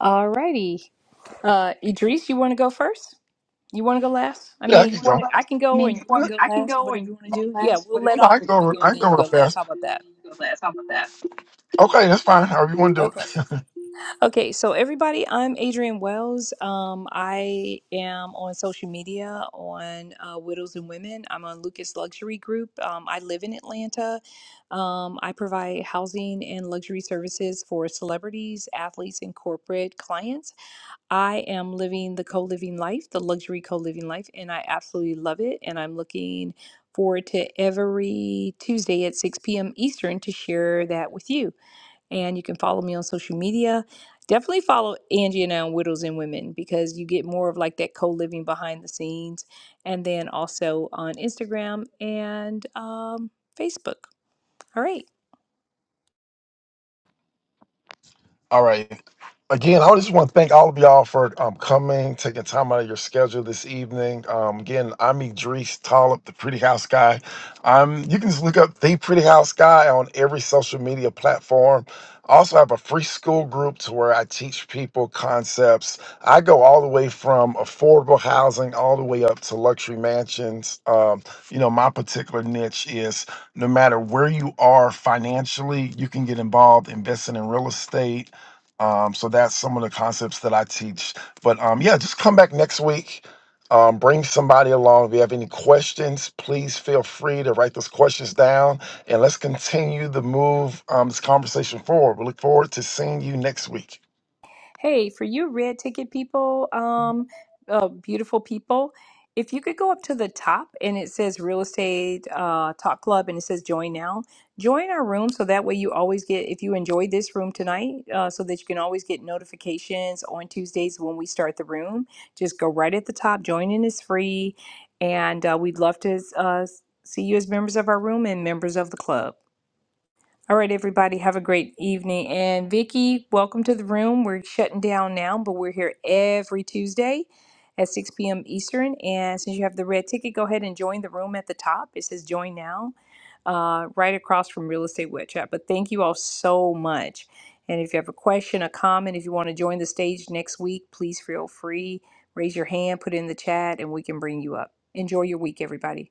Speaker 1: All righty. Uh, Idris, you want to go first? You want to go last? I
Speaker 4: Yeah, I
Speaker 1: mean, you
Speaker 4: can go.
Speaker 1: want to, I can
Speaker 4: I
Speaker 1: go
Speaker 4: mean,
Speaker 1: and you can
Speaker 4: what,
Speaker 1: go
Speaker 4: I can
Speaker 1: last,
Speaker 4: go
Speaker 1: whatever
Speaker 4: and
Speaker 1: you want
Speaker 4: you
Speaker 1: to
Speaker 4: can
Speaker 1: do.
Speaker 4: go
Speaker 1: Yeah,
Speaker 4: last.
Speaker 1: we'll
Speaker 4: What if
Speaker 1: let
Speaker 4: No,
Speaker 1: all
Speaker 4: I
Speaker 1: the
Speaker 4: can
Speaker 1: women
Speaker 4: go.
Speaker 1: go
Speaker 4: I
Speaker 1: and
Speaker 4: can
Speaker 1: then
Speaker 4: go
Speaker 1: you
Speaker 4: real
Speaker 1: go last.
Speaker 4: fast.
Speaker 1: How about that?
Speaker 4: you go last? How about that? Okay, that's fine. However you want to
Speaker 1: Okay.
Speaker 4: do it.
Speaker 1: Okay, so everybody, I'm Adrienne Wells. Um, I am on social media on uh, Widows and Women. I'm on Lucas Luxury Group. Um, I live in Atlanta. Um, I provide housing and luxury services for celebrities, athletes, and corporate clients. I am living the co living life, the luxury co living life, and I absolutely love it. And I'm looking forward to every Tuesday at 6 p.m. Eastern to share that with you and you can follow me on social media. Definitely follow Angie and I on Widows and Women because you get more of like that co living behind the scenes, and then also on Instagram and um, Facebook. All right.
Speaker 4: All right. Again, I just want to thank all of y'all for um, coming, taking time out of your schedule this evening. Um, again, I'm Idris Talib, the Pretty House Guy. Um, you can just look up the Pretty House Guy on every social media platform. I also have a free school group to where I teach people concepts. I go all the way from affordable housing all the way up to luxury mansions. Um, you know, my particular niche is no matter where you are financially, you can get involved investing in real estate um, so that's some of the concepts that I teach. But um, yeah, just come back next week. Um, bring somebody along. If you have any questions, please feel free to write those questions down and let's continue the move, um, this conversation forward. We look forward to seeing you next week.
Speaker 1: Hey, for you red ticket people, um, uh, beautiful people, if you could go up to the top and it says real estate uh, talk club and it says join now, join our room so that way you always get, if you enjoyed this room tonight, uh, so that you can always get notifications on Tuesdays when we start the room. Just go right at the top. Joining is free. And uh, we'd love to uh, see you as members of our room and members of the club. All right, everybody, have a great evening. And Vicky, welcome to the room. We're shutting down now, but we're here every Tuesday at 6 p.m. Eastern. And since you have the red ticket, go ahead and join the room at the top. It says join now, uh, right across from Real Estate Web Chat. But thank you all so much. And if you have a question, a comment, if you want to join the stage next week, please feel free. Raise your hand, put it in the chat, and we can bring you up. Enjoy your week, everybody.